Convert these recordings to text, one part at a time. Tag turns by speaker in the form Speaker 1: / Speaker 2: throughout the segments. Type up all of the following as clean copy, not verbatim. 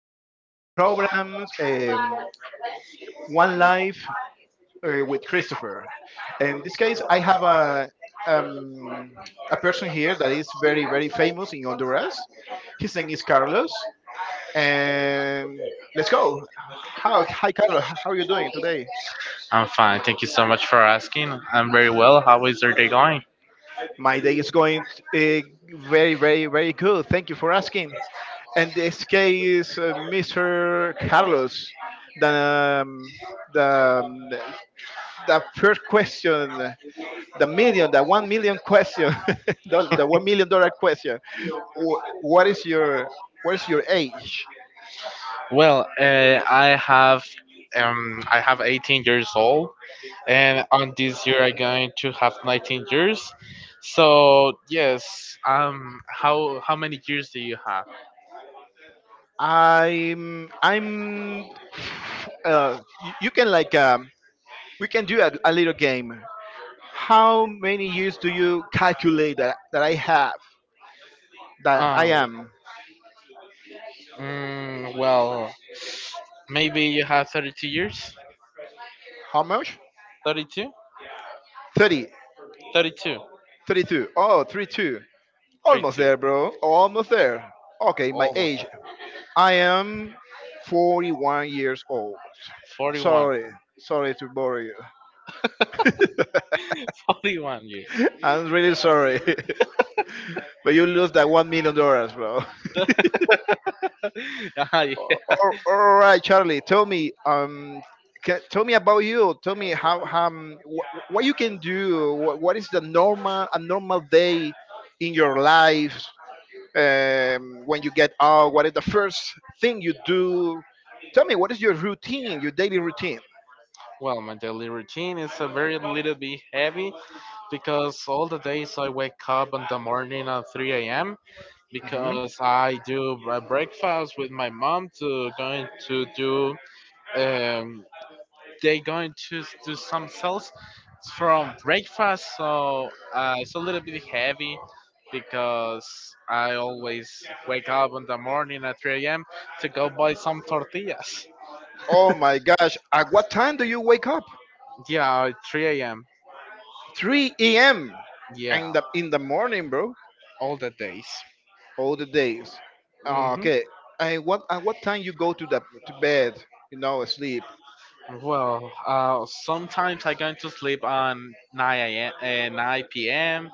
Speaker 1: welcome to our programs, One Life with Christopher. In this case, I have um, a person here that is very famous in Honduras. His name is Carlos, and let's go. Hi, Carlos. How are you doing today?
Speaker 2: I'm fine. Thank you so much for asking. I'm very well. How is your day going?
Speaker 1: My day is going uh, very good. Thank you for asking. And this case, Mr. Carlos, the um, the um, the first question, the 1 million question, the $1 million question. Wh- what is your age?
Speaker 2: Well, I have 18 years old, and on this year I'm going to have 19 years. So yes, how many years do you have?
Speaker 1: I'm I'm. You can like we can do a little game. How many years do you calculate that I have that I
Speaker 2: Um,
Speaker 1: am?
Speaker 2: well, maybe you have 32 years.
Speaker 1: How much?
Speaker 2: 32,
Speaker 1: 30,
Speaker 2: 32,
Speaker 1: 32. Oh, 32. Almost
Speaker 2: 32,
Speaker 1: there, bro. Almost there. Okay, my
Speaker 2: almost
Speaker 1: age.
Speaker 2: like
Speaker 1: I am 41 years old.
Speaker 2: 41,
Speaker 1: Sorry, sorry to bore you.
Speaker 2: 41 years.
Speaker 1: I'm really sorry, but you lose that $1 million, bro.
Speaker 2: Ah, yeah.
Speaker 1: All right, Charlie. Tell me, ca tell me about you. Tell me how what you can do. What is the normal a normal day in your life? When you get out, what is the first thing you do? Tell me, what is your routine, your daily routine?
Speaker 2: Well, my daily routine is a very little bit heavy because all the days I wake up in the morning at 3 a.m. because I do a breakfast with my mom to going to do um, they going to do some sales from breakfast so it's a little bit heavy because I always wake up in the morning at 3 a.m. to go buy some tortillas.
Speaker 1: Oh my gosh. At what time do you wake up?
Speaker 2: Yeah, at 3 a.m.
Speaker 1: 3 a.m.
Speaker 2: Yeah,
Speaker 1: in the morning, bro.
Speaker 2: all the days.
Speaker 1: All the days. Ah,
Speaker 2: Hmm.
Speaker 1: okay. And what at what time you go to the to bed? You know, sleep.
Speaker 2: Well, sometimes I'm going to sleep on 9 a.m. and 9 p.m.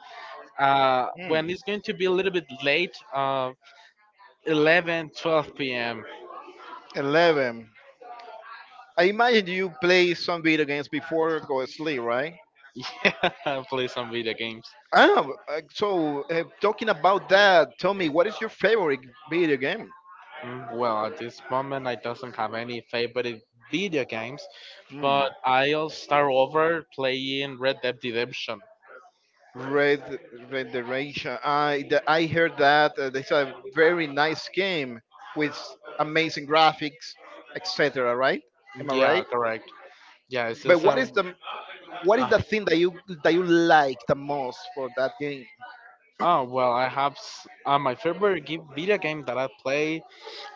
Speaker 1: Hmm.
Speaker 2: When it's going to be a little bit late, 11, 12 p.m.
Speaker 1: 11. I imagine you play some video games before go to sleep, right?
Speaker 2: Yeah, play some video games.
Speaker 1: Ah, talking about that, tell me what is your favorite video game?
Speaker 2: Well, at this moment, I doesn't have any favorite video games,
Speaker 1: Hmm.
Speaker 2: but I'll start over playing Red Dead Redemption.
Speaker 1: Red Renderation. I heard that it's a very nice game with amazing graphics, etc. Right? Am I
Speaker 2: Yeah,
Speaker 1: right?
Speaker 2: correct. Yeah, it's
Speaker 1: But
Speaker 2: just
Speaker 1: what
Speaker 2: um.
Speaker 1: is the
Speaker 2: Uh,
Speaker 1: thing that you like the most for that game?
Speaker 2: oh well, I have my favorite game, video game that I play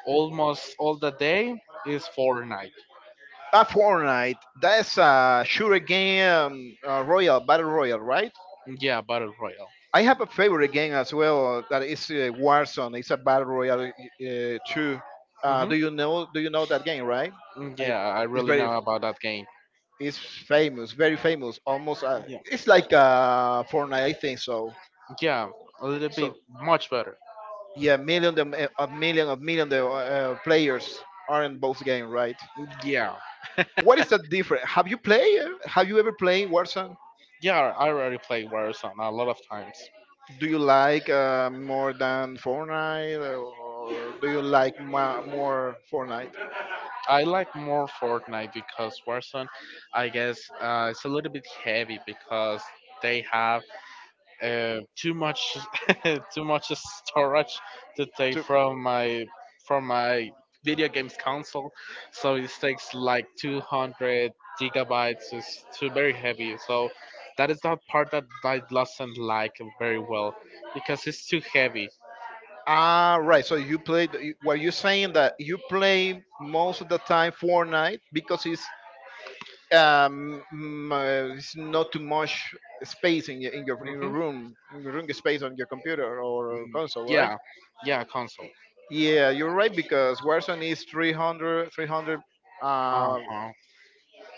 Speaker 2: almost all the day is Fortnite.
Speaker 1: Ah, Fortnite. That's a shooter game, Royal Battle Royale, right?
Speaker 2: Yeah, Battle Royale.
Speaker 1: I have a favorite game as well that is Warzone. It's a battle royale too.
Speaker 2: Hmm.
Speaker 1: Do you know? Do you know that game, right? I,
Speaker 2: Yeah, I
Speaker 1: it's
Speaker 2: really
Speaker 1: very.
Speaker 2: know about that game.
Speaker 1: It's famous, very famous. Almost,
Speaker 2: Yeah,
Speaker 1: it's like Fortnite, I think so.
Speaker 2: yeah, a little bit
Speaker 1: So
Speaker 2: much better.
Speaker 1: yeah, a million of players are in both games, right?
Speaker 2: Yeah,
Speaker 1: What is the difference? Have you played? Have you ever played Warzone?
Speaker 2: yeah, I already played Warzone a lot of times.
Speaker 1: Do you like more than Fortnite, or do you like more Fortnite?
Speaker 2: I like more Fortnite because Warzone, I guess, it's a little bit heavy because they have too much too much storage to take
Speaker 1: To-
Speaker 2: from my video games console, so it takes like 200 gigabytes. It's too very heavy, so that is not part that I doesn't like very well because it's too heavy.
Speaker 1: Ah, right. So you played. Were you saying that you play most of the time Fortnite because um mm, it's not too much space in your in your
Speaker 2: Hmm,
Speaker 1: room space on your computer or console, right?
Speaker 2: yeah, yeah, console.
Speaker 1: Yeah, you're right because Warzone is uh
Speaker 2: Uh-huh.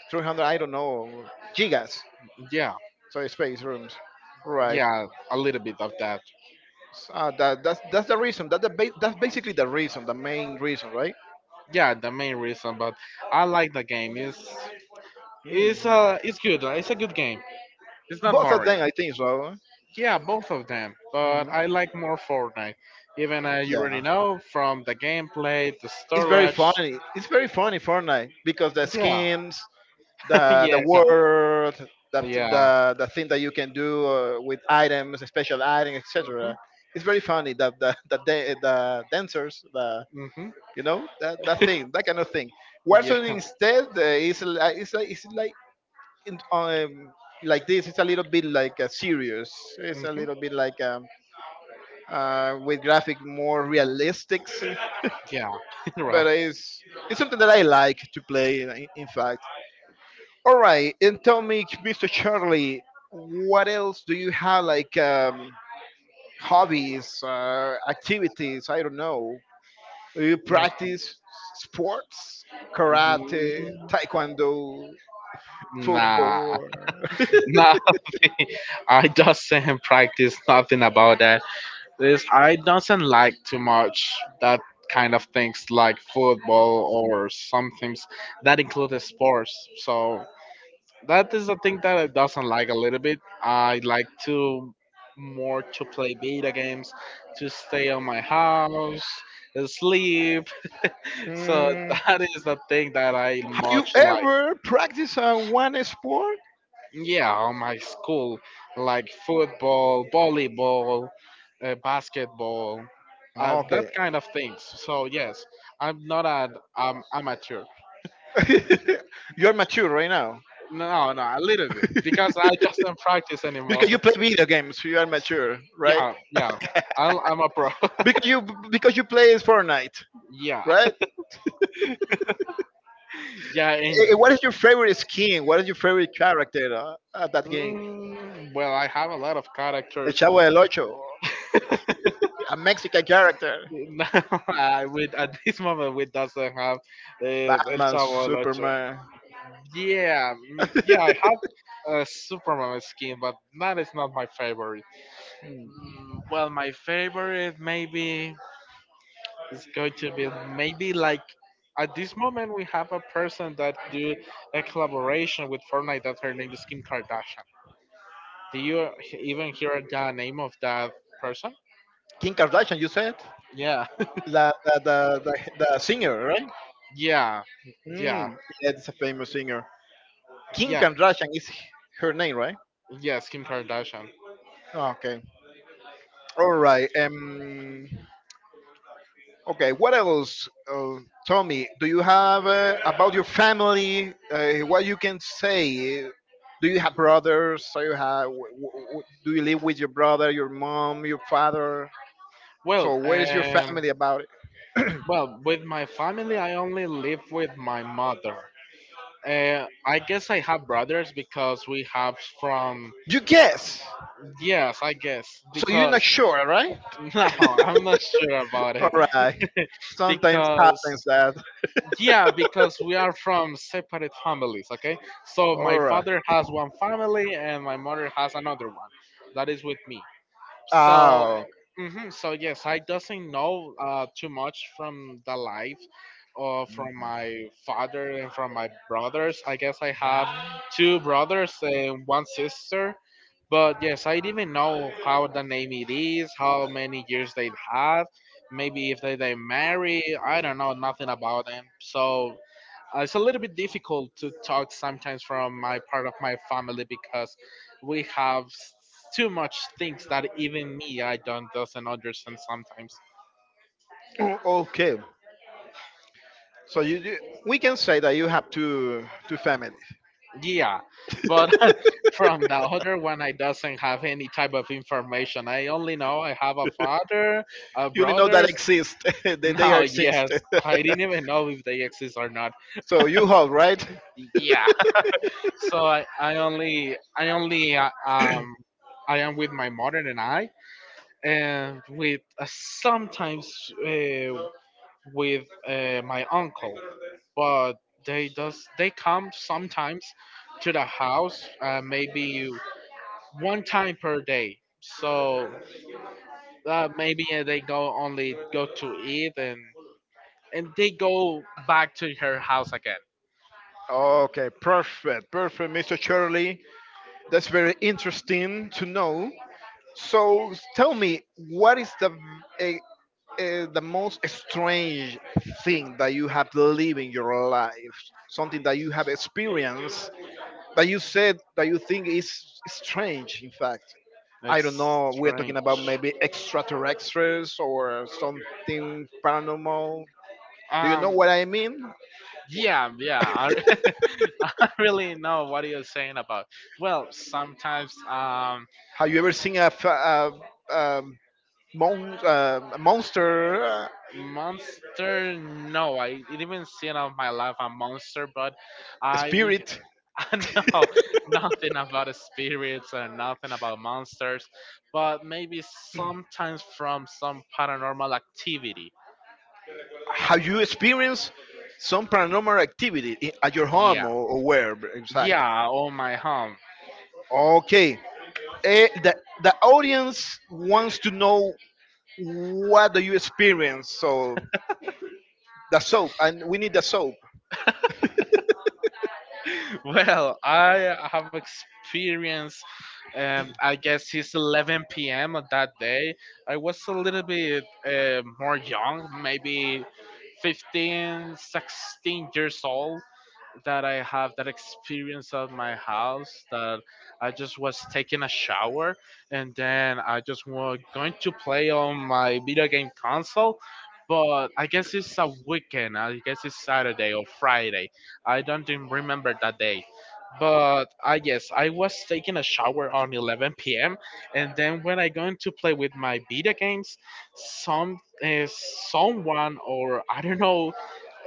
Speaker 1: 300 I don't know gigas.
Speaker 2: Yeah,
Speaker 1: So it's space rooms, right?
Speaker 2: yeah, a little bit of that.
Speaker 1: So, that's that's the reason. That's basically the reason, the main reason, right?
Speaker 2: Yeah, the main reason, but I like the game. It's it's
Speaker 1: Mm.
Speaker 2: uh it's good it's a good game. It's not
Speaker 1: Both of
Speaker 2: boring.
Speaker 1: them, I think so.
Speaker 2: Yeah, both of them, but
Speaker 1: Mhm.
Speaker 2: I like more Fortnite. Even you already
Speaker 1: Yeah,
Speaker 2: know from the gameplay, the
Speaker 1: it's very
Speaker 2: storage.
Speaker 1: funny. It's very funny Fortnite because the
Speaker 2: Yeah,
Speaker 1: schemes, the
Speaker 2: yeah,
Speaker 1: world, that
Speaker 2: yeah.
Speaker 1: the thing that you can do with items, special items, etc. It's very funny that the dancers, the
Speaker 2: Hmm, hmm.
Speaker 1: you know that, that thing, that kind of thing.
Speaker 2: Yeah.
Speaker 1: Warzone instead is like in, um, like this. It's a little bit like serious. It's a
Speaker 2: Hmm.
Speaker 1: little bit like with graphic more realistic,
Speaker 2: Yeah. Right.
Speaker 1: but it's something that I like to play. In fact, all right. And tell me, Mr. Charlie, what else do you have like hobbies, activities? I don't know. Do you
Speaker 2: Mm,
Speaker 1: practice sports, karate, taekwondo,
Speaker 2: Nah,
Speaker 1: football?
Speaker 2: nah. I doesn't practice nothing about that. This I doesn't like too much that kind of things like football or some things that include sports. So that is the thing that I doesn't like a little bit. I like to more to play video games, to stay on my house, sleep. So
Speaker 1: Hmm. Have
Speaker 2: that is the thing that I
Speaker 1: you
Speaker 2: much like.
Speaker 1: ever practiced one sport?
Speaker 2: Yeah, on my school, like football, volleyball, basketball,
Speaker 1: Oh,
Speaker 2: that
Speaker 1: okay,
Speaker 2: kind of things. So yes, I'm not an amateur.
Speaker 1: you're mature right now.
Speaker 2: No, no, a little bit because I just don't practice anymore.
Speaker 1: because you play video games, you are mature, right?
Speaker 2: Yeah, yeah, I'm a pro.
Speaker 1: Because you because you play Fortnite,
Speaker 2: Yeah,
Speaker 1: right?
Speaker 2: yeah, and
Speaker 1: What is your favorite skin? What is your favorite character at that game?
Speaker 2: well, I have a lot of
Speaker 1: El
Speaker 2: characters.
Speaker 1: Chavo del Ocho, a Mexican character,
Speaker 2: No, I with at this moment we doesn't have El
Speaker 1: Batman,
Speaker 2: Chavo del Ocho.
Speaker 1: Superman,
Speaker 2: Yeah, yeah, I have a Superman skin, but that is not my favorite. Well, my favorite maybe is going to be maybe like at this moment we have a person that do a collaboration with Fortnite that her name is Kim Kardashian. Do you even hear the name of that person?
Speaker 1: Kim Kardashian. You said
Speaker 2: Yeah,
Speaker 1: the the the, the singer, right?
Speaker 2: yeah, yeah,
Speaker 1: Mm, yeah, it's a famous singer. Kim
Speaker 2: yeah.
Speaker 1: Kardashian is her name, right?
Speaker 2: Yes, Kim Kardashian.
Speaker 1: Oh, okay. All right. Okay, what else, Tommy? Do you have about your family? What you can say? Do you have brothers? So you have? Do you live with your brother, your mom, your father?
Speaker 2: Well,
Speaker 1: So where is your
Speaker 2: um,
Speaker 1: family about it?
Speaker 2: well, with my family, I only live with my mother. I guess I have brothers because we have from.
Speaker 1: You guess.
Speaker 2: Yes, I guess
Speaker 1: So you're not
Speaker 2: because
Speaker 1: sure, right?
Speaker 2: no, I'm not sure about
Speaker 1: All
Speaker 2: it
Speaker 1: right. Sometimes happens
Speaker 2: because
Speaker 1: that.
Speaker 2: yeah, because we are from separate families, okay? So
Speaker 1: All
Speaker 2: my
Speaker 1: right.
Speaker 2: father has one family and my mother has another one. That is with me. So,
Speaker 1: Oh,
Speaker 2: mhm, so yes, I doesn't know too much from the life from my father and from my brothers. I guess I have two brothers and one sister. But yes, I didn't know how the name it is, how many years they have, maybe if they marry. I don't know nothing about them. So it's a little bit difficult to talk sometimes from my part of my family because we have too much things that even me I don't doesn't understand sometimes.
Speaker 1: okay. You we can say that you have two families.
Speaker 2: Yeah, but from the other one I doesn't have any type of information. I only know I have a father, a
Speaker 1: You only know that
Speaker 2: brothers.
Speaker 1: exist. They are
Speaker 2: Now
Speaker 1: exist.
Speaker 2: yes, I didn't even know if they exist or not.
Speaker 1: So you hold right.
Speaker 2: Yeah, so I only I am with my mother and I and with sometimes uh, with my uncle but they come sometimes to the house maybe one time per day so maybe they go only go to eat and they go back to her house again.
Speaker 1: Okay, perfect, perfect, Mr. Shirley. That's very interesting to know. So tell me, what is the most strange thing that you have lived in your life, something that you have experienced that you said that you think is strange, in fact. I don't
Speaker 2: That's
Speaker 1: know, we're
Speaker 2: strange.
Speaker 1: talking about maybe extraterrestrials or something paranormal. Do you know
Speaker 2: um
Speaker 1: what I mean?
Speaker 2: yeah, yeah, I really know what you're saying about. Well, sometimes
Speaker 1: Have you ever seen a, f- a mon- a monster,
Speaker 2: monster? No, I didn't even see of my life a monster, but
Speaker 1: a
Speaker 2: I we
Speaker 1: spirit?
Speaker 2: I know nothing about spirits and nothing about monsters, but maybe sometimes from some paranormal activity.
Speaker 1: Have you experienced some paranormal activity at your home,
Speaker 2: Yeah,
Speaker 1: or where exactly?
Speaker 2: yeah, on my home.
Speaker 1: Okay. Eh, the, the audience wants to know what do you experience. So the soap, and we need the soap.
Speaker 2: Well, I have experienced. I guess it's 11 p.m. on that day. I was a little bit more young, maybe 15, 16 years old that I have that experience at my house that I just was taking a shower and then I just was going to play on my video game console. But I guess it's a weekend. I guess it's Saturday or Friday. I don't even remember that day. But I guess I was taking a shower on 11 p.m. and then when I going to play with my video games, some uh, someone or I don't know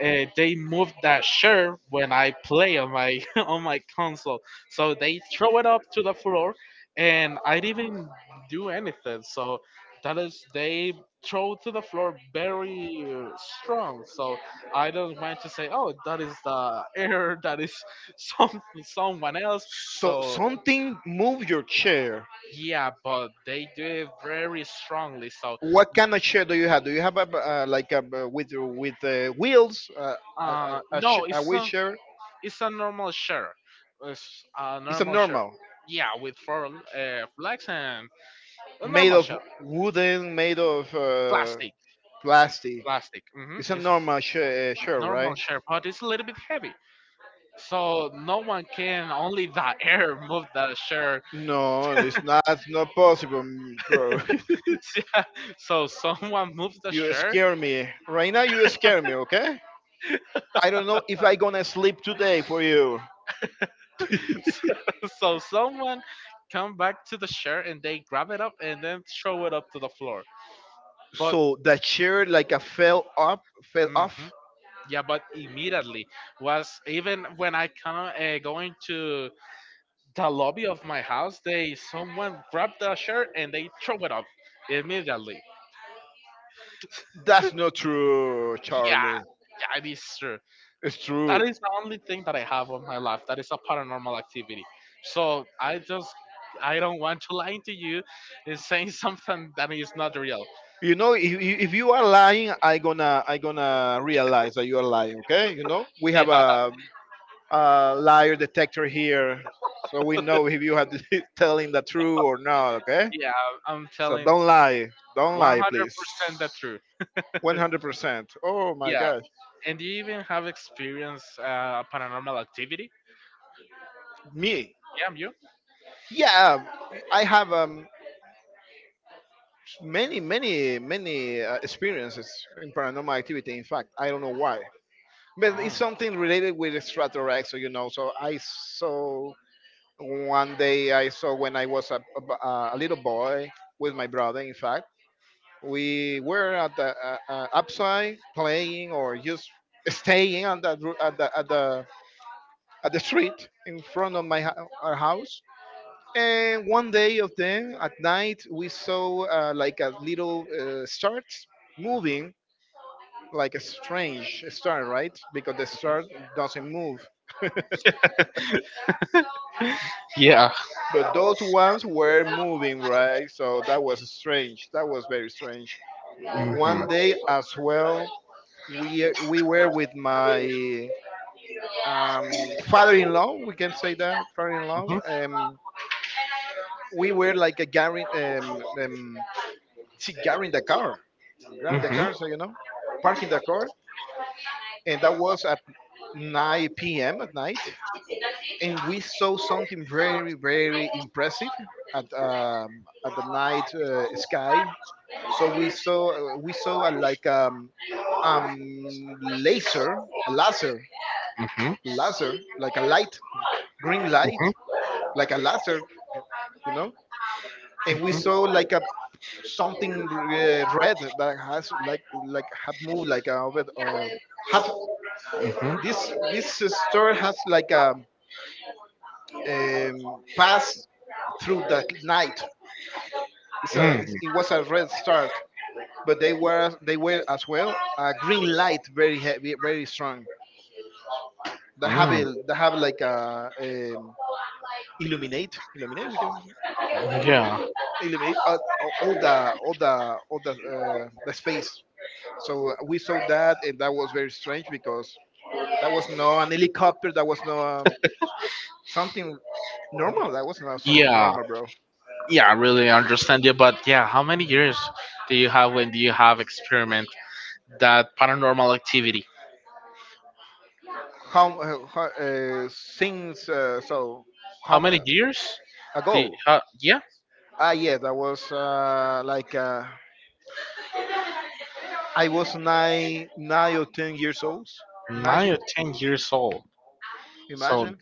Speaker 2: they moved that shirt when I play on my on my console. So they throw it up to the floor, and I didn't do anything. So that is they throw to the floor very strong. So I don't want to say, oh, that is the error. That is someone else.
Speaker 1: So
Speaker 2: So
Speaker 1: something move your chair.
Speaker 2: yeah, but they do it very strongly. So
Speaker 1: What kind of chair do you have? Do you have a like a with wheels?
Speaker 2: no,
Speaker 1: A
Speaker 2: it's not.
Speaker 1: wheelchair?
Speaker 2: It's a normal shirt. It's a
Speaker 1: It's a
Speaker 2: normal shirt.
Speaker 1: normal,
Speaker 2: Yeah, with four flags and a
Speaker 1: made
Speaker 2: normal
Speaker 1: of
Speaker 2: shirt.
Speaker 1: wooden, made of
Speaker 2: Plastic,
Speaker 1: plastic.
Speaker 2: plastic.
Speaker 1: It's a
Speaker 2: It's
Speaker 1: normal share, share,
Speaker 2: normal
Speaker 1: right?
Speaker 2: shirt, but it's a little bit heavy. So no one can, only the air move the shirt.
Speaker 1: No, it's not. Not possible, mm, bro.
Speaker 2: So someone moves the
Speaker 1: You
Speaker 2: shirt.
Speaker 1: scare me. Right now, you scare me. Okay. I don't know if I gonna sleep today for you.
Speaker 2: So someone come back to the shirt and they grab it up and then throw it up to the floor. But
Speaker 1: So that chair like a fell up, fell
Speaker 2: mhm,
Speaker 1: off.
Speaker 2: yeah, but immediately was even when I come going to the lobby of my house, they someone grabbed the shirt and they throw it up immediately.
Speaker 1: That's not true,
Speaker 2: Yeah,
Speaker 1: Charlie.
Speaker 2: yeah, it is true.
Speaker 1: It's
Speaker 2: That
Speaker 1: true.
Speaker 2: is the only thing that I have of my life. That is a paranormal activity. So I just, I don't want to lie to you, and saying something that is not real.
Speaker 1: You know, if you are lying, I gonna realize that you are lying. Okay, you know, we have
Speaker 2: Yeah,
Speaker 1: a liar detector here, so we know if you are telling the truth or not. Okay,
Speaker 2: yeah, I'm
Speaker 1: so
Speaker 2: telling
Speaker 1: don't lie, please.
Speaker 2: 100% the truth.
Speaker 1: 100%. Oh my
Speaker 2: Yeah,
Speaker 1: God,
Speaker 2: and do you even have experience paranormal activity?
Speaker 1: me?
Speaker 2: Yeah, you.
Speaker 1: Yeah, I have many experiences in paranormal activity. In fact, I don't know why, but it's
Speaker 2: Oh,
Speaker 1: something related with extraterrestrial, you know. So I saw one day I saw when I was a little boy with my brother. In fact we were at the upside playing or just staying on at the at the street in front of our house. And one day of them at night we saw like a little start moving like a strange star, right? Because the star doesn't move.
Speaker 2: yeah.
Speaker 1: But those ones were moving, right? So that was strange. That was very strange. One
Speaker 2: Mhm.
Speaker 1: day as well, we were with my father-in-law. We can say that father-in-law.
Speaker 2: Mhm.
Speaker 1: We were like a guaranteed, she
Speaker 2: Mhm.
Speaker 1: guaranteed the
Speaker 2: Mhm.
Speaker 1: car, so you know, parking the car, and that was at 9 p.m. at night, and we saw something very, very impressive at the night sky. So we saw like laser, a laser,
Speaker 2: Mhm.
Speaker 1: laser, like a light, green
Speaker 2: Mhm.
Speaker 1: light, like a laser, you know, and we
Speaker 2: Mhm.
Speaker 1: saw like a something red that has like have moved like a over have this store has like a pass through the night.
Speaker 2: Mm.
Speaker 1: It was a red start, but they were as well a green light, very heavy, very strong. They have like a illuminate, illuminate. We can illu-
Speaker 2: Yeah.
Speaker 1: illuminate all the the space. So we saw that, and that was very strange because that was not an helicopter. That was not something normal. That was not something
Speaker 2: Yeah.
Speaker 1: normal, bro.
Speaker 2: Yeah, I really understand you, but yeah, how many years
Speaker 1: Hmm
Speaker 2: do you have when do you have experiment that paranormal activity?
Speaker 1: How, since so how
Speaker 2: How
Speaker 1: m-
Speaker 2: many years?
Speaker 1: ago?
Speaker 2: The yeah.
Speaker 1: Ah, yeah, that was I was 9 or 10 years old.
Speaker 2: nine or
Speaker 1: Imagine,
Speaker 2: ten years old. So
Speaker 1: imagine.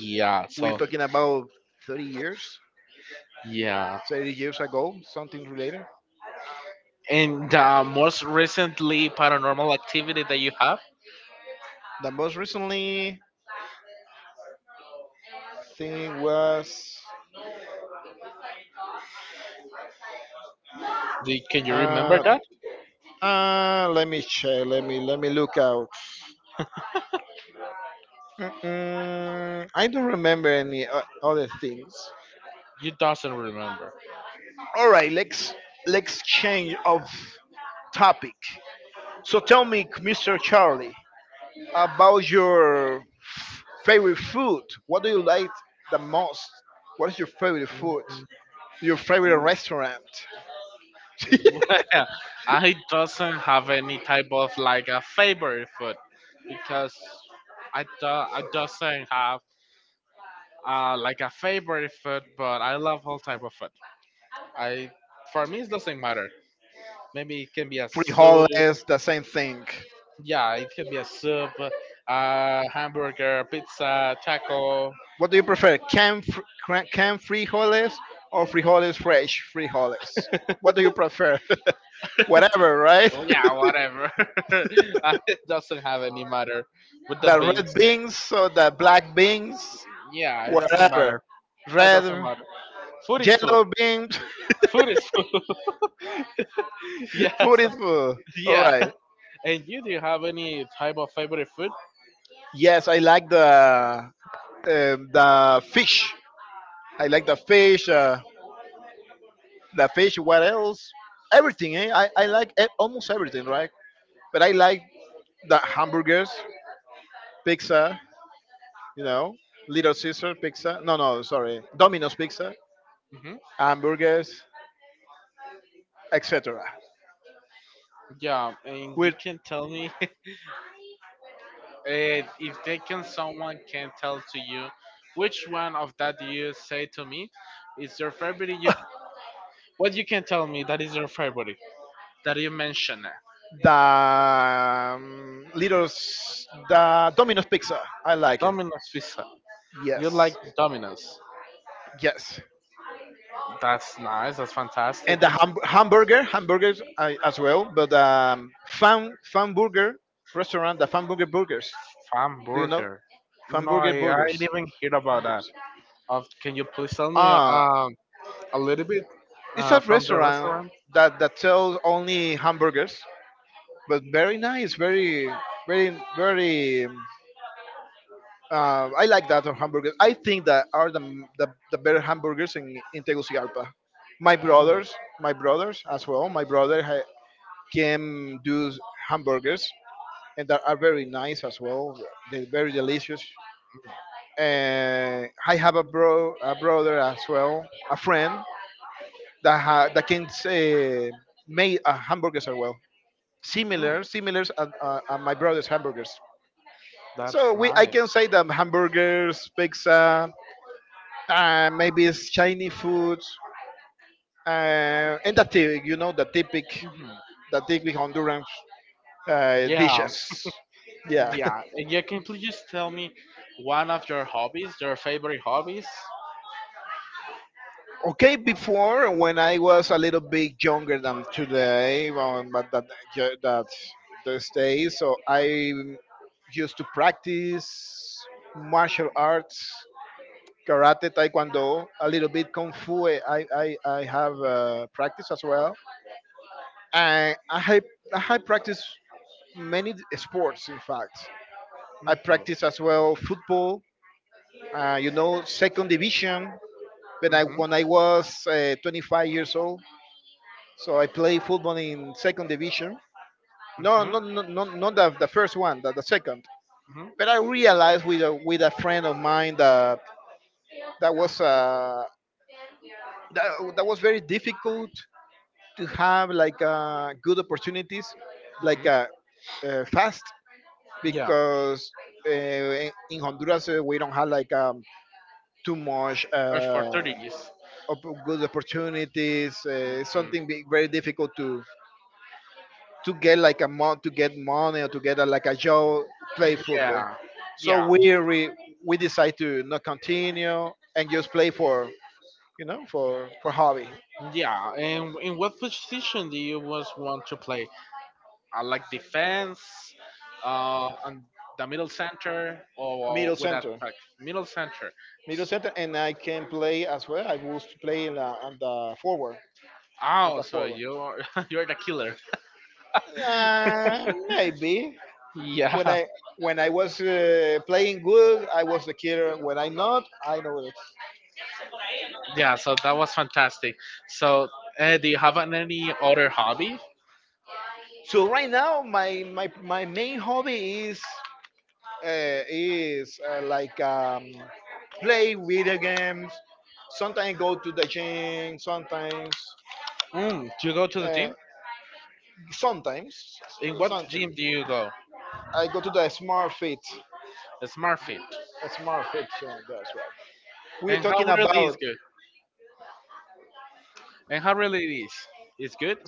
Speaker 2: yeah,
Speaker 1: We're
Speaker 2: so
Speaker 1: talking about 30 years,
Speaker 2: yeah.
Speaker 1: 30 years ago, something related.
Speaker 2: And the most recently paranormal activity that you have,
Speaker 1: The most recently thing was.
Speaker 2: can you remember
Speaker 1: Uh,
Speaker 2: that?
Speaker 1: Uh, let me check. Let me look out. Mm-mm, I don't remember any other things.
Speaker 2: You doesn't remember.
Speaker 1: All right, let's change of topic. So tell me, Mr. Charlie, about your favorite food. What do you like the most? What is your favorite food? Your favorite restaurant?
Speaker 2: I doesn't have any type of like a favorite food because I doesn't have like a favorite food, but I love all type of food. I For me it doesn't matter. Maybe it can be a soup.
Speaker 1: Frijoles, the same thing.
Speaker 2: Yeah, it could be a soup, hamburger, pizza, taco. Oh,
Speaker 1: What do you prefer, canned frijoles or frijoles fresh frijoles? What do you prefer? Whatever, right?
Speaker 2: yeah, whatever. It doesn't have any matter with the
Speaker 1: The red
Speaker 2: beans.
Speaker 1: beans or the black beans,
Speaker 2: Yeah, it doesn't matter.
Speaker 1: whatever.
Speaker 2: It doesn't
Speaker 1: Red,
Speaker 2: matter. Food is food.
Speaker 1: yellow beans,
Speaker 2: Food is food. Yes.
Speaker 1: food is food. All
Speaker 2: Yeah.
Speaker 1: right.
Speaker 2: And you, do you have any type of favorite food?
Speaker 1: Yes, I like the fish. I like the fish. The fish. What else? Everything. Eh? I like almost everything, right? But I like the hamburgers, pizza, you know, Little Caesar pizza. No, no, sorry, Domino's pizza,
Speaker 2: Hmm.
Speaker 1: hamburgers, etc.
Speaker 2: Yeah, and you
Speaker 1: With
Speaker 2: can tell me if they can, someone can tell to you which one of that you say to me is your favorite. You What you can tell me that is your favorite that you mentioned?
Speaker 1: the Domino's pizza, I like it.
Speaker 2: Domino's pizza. You like
Speaker 1: Yes,
Speaker 2: Domino's.
Speaker 1: yes,
Speaker 2: That's nice. That's fantastic.
Speaker 1: and the hamburger, hamburgers I, as well. But um, fan burger restaurant, the fan burger burgers.
Speaker 2: Fan
Speaker 1: Do you know
Speaker 2: burger.
Speaker 1: fan
Speaker 2: No,
Speaker 1: burger
Speaker 2: I
Speaker 1: burgers?
Speaker 2: didn't even hear about that.
Speaker 1: Hamburgers.
Speaker 2: Of, can you please tell me
Speaker 1: Ah.
Speaker 2: a little bit
Speaker 1: It's a
Speaker 2: from the
Speaker 1: restaurant
Speaker 2: restaurant?
Speaker 1: that sells only hamburgers, but very nice, very. I like that of hamburgers. I think that are the better hamburgers in Tegucigalpa.
Speaker 2: Mm.
Speaker 1: My brothers as well. My brother can do hamburgers, and that are very nice as well. They're very delicious. And I have a brother as well, a friend that that can say, make a hamburgers as well
Speaker 2: Mm.
Speaker 1: similar, similar as my brother's hamburgers.
Speaker 2: That's
Speaker 1: So I
Speaker 2: nice.
Speaker 1: can say that hamburgers, pizza, maybe it's Chinese food, and the typical, you know, the typic Honduran
Speaker 2: Yeah,
Speaker 1: dishes. Yeah.
Speaker 2: yeah, and yeah. Can you please just tell me one of your hobbies, your favorite hobbies?
Speaker 1: Okay, before when I was a little bit younger than today, but that, those days, so I used to practice martial arts, karate, taekwondo, a little bit kung fu. I have practice as well, and I have practiced many sports. In fact, I
Speaker 2: Mhm,
Speaker 1: practice as well football. You know, second division. When I
Speaker 2: mhm,
Speaker 1: when I was 25 years old, so I play football in second division. No,
Speaker 2: mhm,
Speaker 1: no, no, no, not the first one, the second.
Speaker 2: mhm,
Speaker 1: But I realized with with a friend of mine that was uh, that, that was very difficult to have like good opportunities, like
Speaker 2: mhm.
Speaker 1: fast,
Speaker 2: Yeah,
Speaker 1: because in Honduras we don't have like too much
Speaker 2: as for 30 thirties.
Speaker 1: good opportunities.
Speaker 2: Mhm.
Speaker 1: Something be very difficult to get like a mo- to get money or to get like a job play football.
Speaker 2: Yeah,
Speaker 1: So
Speaker 2: yeah,
Speaker 1: we decide to not continue and just play for you know for hobby.
Speaker 2: yeah. And in what position do you was want to play? I like defense, and the middle center, or
Speaker 1: Middle
Speaker 2: with
Speaker 1: center.
Speaker 2: attack, middle center.
Speaker 1: Middle center, and I can play as well. I was playing on the forward, on
Speaker 2: Oh,
Speaker 1: the
Speaker 2: so
Speaker 1: forward.
Speaker 2: you're the killer.
Speaker 1: Uh, Maybe when
Speaker 2: Yeah.
Speaker 1: I was playing good, I was the killer. When I not, I know this.
Speaker 2: Yeah, so that was fantastic. So, do you have any other hobby?
Speaker 1: So right now, my main hobby is like play video games. Sometimes go to the gym.
Speaker 2: Do you go to the
Speaker 1: Uh,
Speaker 2: gym?
Speaker 1: sometimes,
Speaker 2: In what
Speaker 1: sometimes
Speaker 2: gym do you go?
Speaker 1: I go to the Smart Fit.
Speaker 2: SmartFit.
Speaker 1: It's more fiction, that's right. We're
Speaker 2: And how
Speaker 1: talking
Speaker 2: really is
Speaker 1: about
Speaker 2: good? And how really it is? It's good.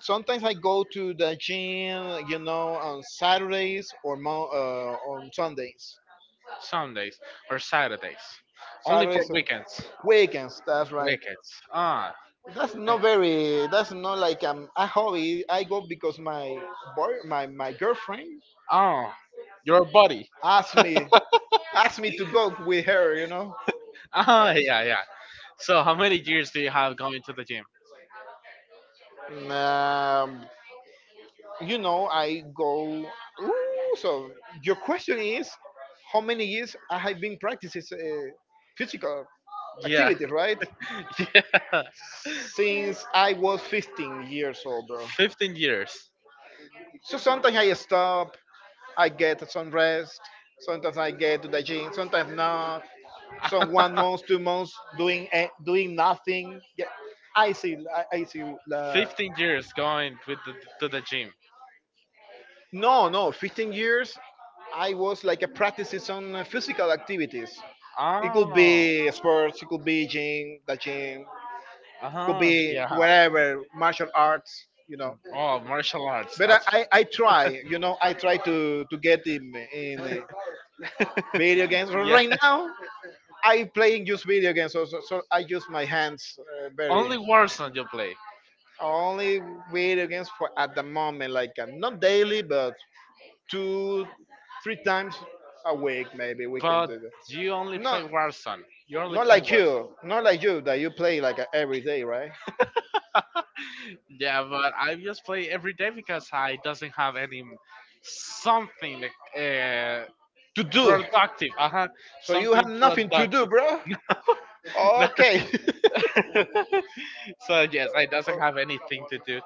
Speaker 1: sometimes I go to the gym, you know, on Saturdays or on Sundays.
Speaker 2: Sundays or Saturdays. Only for
Speaker 1: Saturdays and
Speaker 2: weekends.
Speaker 1: weekends, that's right.
Speaker 2: Weekends. Ah. and-
Speaker 1: That's not like a hobby. I go because my girlfriend
Speaker 2: Oh, your body.
Speaker 1: asked me, asked me to go with her, you know.
Speaker 2: Ah,
Speaker 1: Yes.
Speaker 2: yeah, yeah. So, how many years do you have going to the gym?
Speaker 1: Um, you know, I go. Ooh, so your question is, how many years I have been practicing physical
Speaker 2: Yeah.
Speaker 1: activity, right?
Speaker 2: Yeah.
Speaker 1: Since I was 15 years old, bro.
Speaker 2: 15 years.
Speaker 1: So sometimes I stop. I get some rest. Sometimes I get to the gym. Sometimes not. Some one month, 2 months doing doing nothing. Yeah, I see. I see. Uh,
Speaker 2: 15 years going to the gym.
Speaker 1: No, no, 15 years I was like a practice on physical activities. It could
Speaker 2: Oh,
Speaker 1: be sports, it could be the gym, could
Speaker 2: uh-huh,
Speaker 1: be
Speaker 2: yeah.
Speaker 1: wherever, martial arts, you know.
Speaker 2: Oh, martial arts.
Speaker 1: But
Speaker 2: That's
Speaker 1: I try, you know, I try to get in video games.
Speaker 2: yeah.
Speaker 1: Right now, I playing just video games, so, so I use my hands
Speaker 2: Only
Speaker 1: very.
Speaker 2: Warzone you play,
Speaker 1: Only video games for at the moment, like not daily, but two, three times a week, maybe we can
Speaker 2: but
Speaker 1: do that.
Speaker 2: you only play
Speaker 1: Not
Speaker 2: Warzone. You only
Speaker 1: not
Speaker 2: play
Speaker 1: like
Speaker 2: Warzone.
Speaker 1: you, not like you that you play like every day, right?
Speaker 2: Yeah, but I just play every day because I doesn't have any something uh,
Speaker 1: To do.
Speaker 2: productive. Uh huh.
Speaker 1: So you have
Speaker 2: Something
Speaker 1: nothing to do,
Speaker 2: productive.
Speaker 1: bro.
Speaker 2: No.
Speaker 1: Okay.
Speaker 2: So yes, it doesn't
Speaker 1: Oh,
Speaker 2: have anything to do.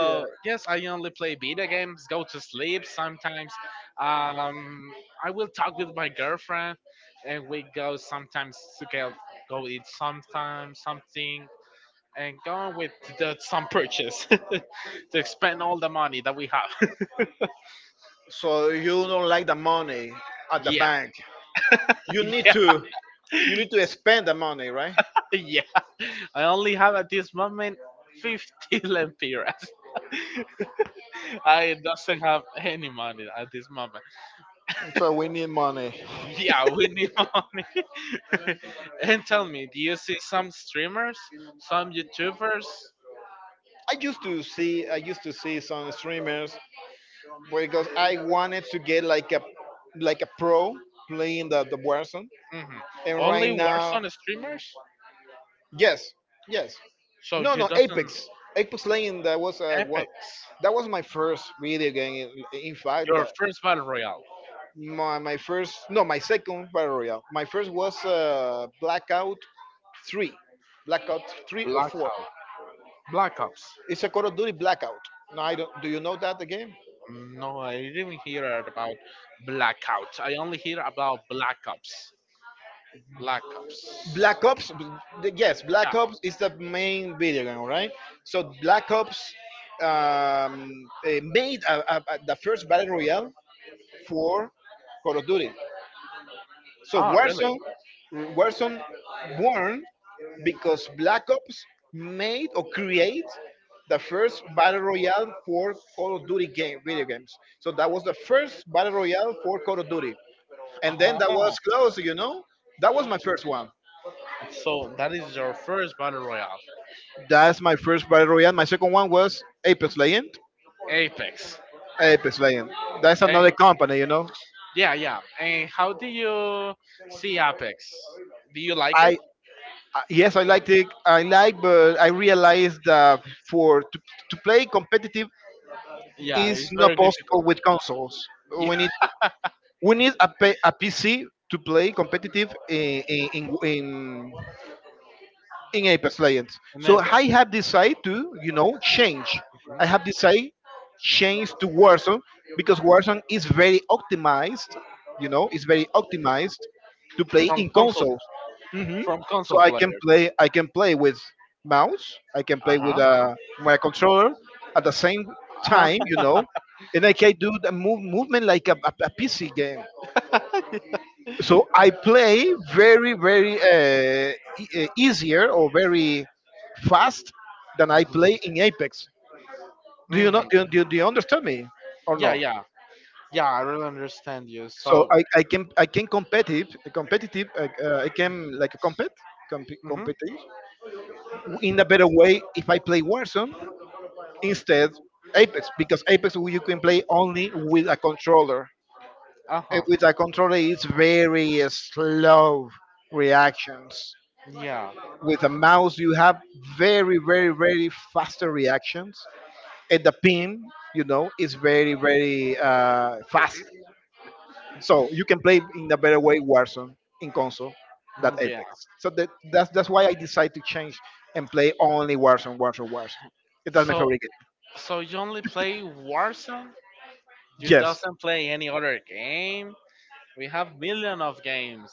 Speaker 1: yeah.
Speaker 2: yes, I only play video games, go to sleep sometimes. Um, I will talk with my girlfriend, and we go sometimes to go eat sometimes something, and go on some purchase to spend all the money that we have.
Speaker 1: So you don't like the money at the
Speaker 2: Yeah,
Speaker 1: bank. You need
Speaker 2: yeah,
Speaker 1: to you need to spend the money, right?
Speaker 2: yeah. I only have at this moment 50 lempiras. I doesn't have any money at this moment.
Speaker 1: So we need money.
Speaker 2: Yeah, we need money. And tell me, do you see some streamers, some YouTubers?
Speaker 1: I used to see some streamers because I wanted to get like a a pro playing the Warzone.
Speaker 2: Mhm.
Speaker 1: And
Speaker 2: Only
Speaker 1: right now,
Speaker 2: Warzone streamers?
Speaker 1: yes, yes,
Speaker 2: So
Speaker 1: no,
Speaker 2: you
Speaker 1: no,
Speaker 2: doesn't
Speaker 1: Apex, Apex Legends. That was one.
Speaker 2: Apex,
Speaker 1: That was my first video game. In fact,
Speaker 2: your
Speaker 1: that
Speaker 2: first battle royale,
Speaker 1: my first no, my second battle royale. My first was Blackout Three, Blackout Three or Four.
Speaker 2: Blackout, Black Ops.
Speaker 1: It's a Call of Duty Blackout. Now I don't. Do you know that the game?
Speaker 2: No, I didn't hear about Blackout. I only hear about Black Ops. Black Ops.
Speaker 1: Black Ops, b- yes,
Speaker 2: Yeah.
Speaker 1: Black Ops is the main video game, right? So Black Ops made the first battle royale for Call of Duty. So
Speaker 2: Oh, really?
Speaker 1: Warzone born because Black Ops made or create the first battle royale for Call of Duty game video games. So that was the first battle royale for Call of Duty, and then that
Speaker 2: Oh.
Speaker 1: was close, you know. That was my first one.
Speaker 2: So that is your first battle royale,
Speaker 1: That's my first battle royale. My second one was Apex Legend.
Speaker 2: Apex.
Speaker 1: Apex Legend. That's
Speaker 2: And
Speaker 1: another company, you know.
Speaker 2: yeah, yeah. And how do you Sea Apex. Do you like it?
Speaker 1: I yes, I liked it. I like, but I realized that for to, to play competitive
Speaker 2: Yeah,
Speaker 1: is
Speaker 2: it's
Speaker 1: not
Speaker 2: very
Speaker 1: possible
Speaker 2: difficult.
Speaker 1: with consoles.
Speaker 2: Yeah.
Speaker 1: We need a PC to play competitive in in Apex Legends.
Speaker 2: In
Speaker 1: So
Speaker 2: Apex.
Speaker 1: I have decided to, you know, change. I
Speaker 2: Mhm.
Speaker 1: have decided change to Warzone because Warzone is very optimized, you know, it's very optimized to play
Speaker 2: From
Speaker 1: in
Speaker 2: console
Speaker 1: consoles.
Speaker 2: from
Speaker 1: So
Speaker 2: console player.
Speaker 1: I can play with mouse, I can play with
Speaker 2: Uh
Speaker 1: my controller at the same time,
Speaker 2: hmm
Speaker 1: you know, and I can do movement like a PC game, so I play very, very easier or very fast than I play
Speaker 2: huh.
Speaker 1: in Apex. Do you know?
Speaker 2: Hmm.
Speaker 1: Do you understand me or
Speaker 2: Yeah,
Speaker 1: no?
Speaker 2: yeah. Yeah, I really understand you.
Speaker 1: So
Speaker 2: So
Speaker 1: I can competitive competitive I can like compete
Speaker 2: hmm,
Speaker 1: competitive in a better way if I play Warzone instead Apex, because Apex you can play only with a controller. And
Speaker 2: uh-huh.
Speaker 1: with a controller, it's very slow reactions.
Speaker 2: Yeah.
Speaker 1: With a mouse, you have very, very, very faster reactions, and the pin, you know, is very, very fast. So you can play in a better way Warzone in console than
Speaker 2: Mm, yeah.
Speaker 1: Apex. So that's that's why I decided to change and play only Warzone, Warzone, Warzone. That's my
Speaker 2: so
Speaker 1: favorite game.
Speaker 2: so you only play Warzone? You
Speaker 1: Yes,
Speaker 2: doesn't play any other game? We have million of games.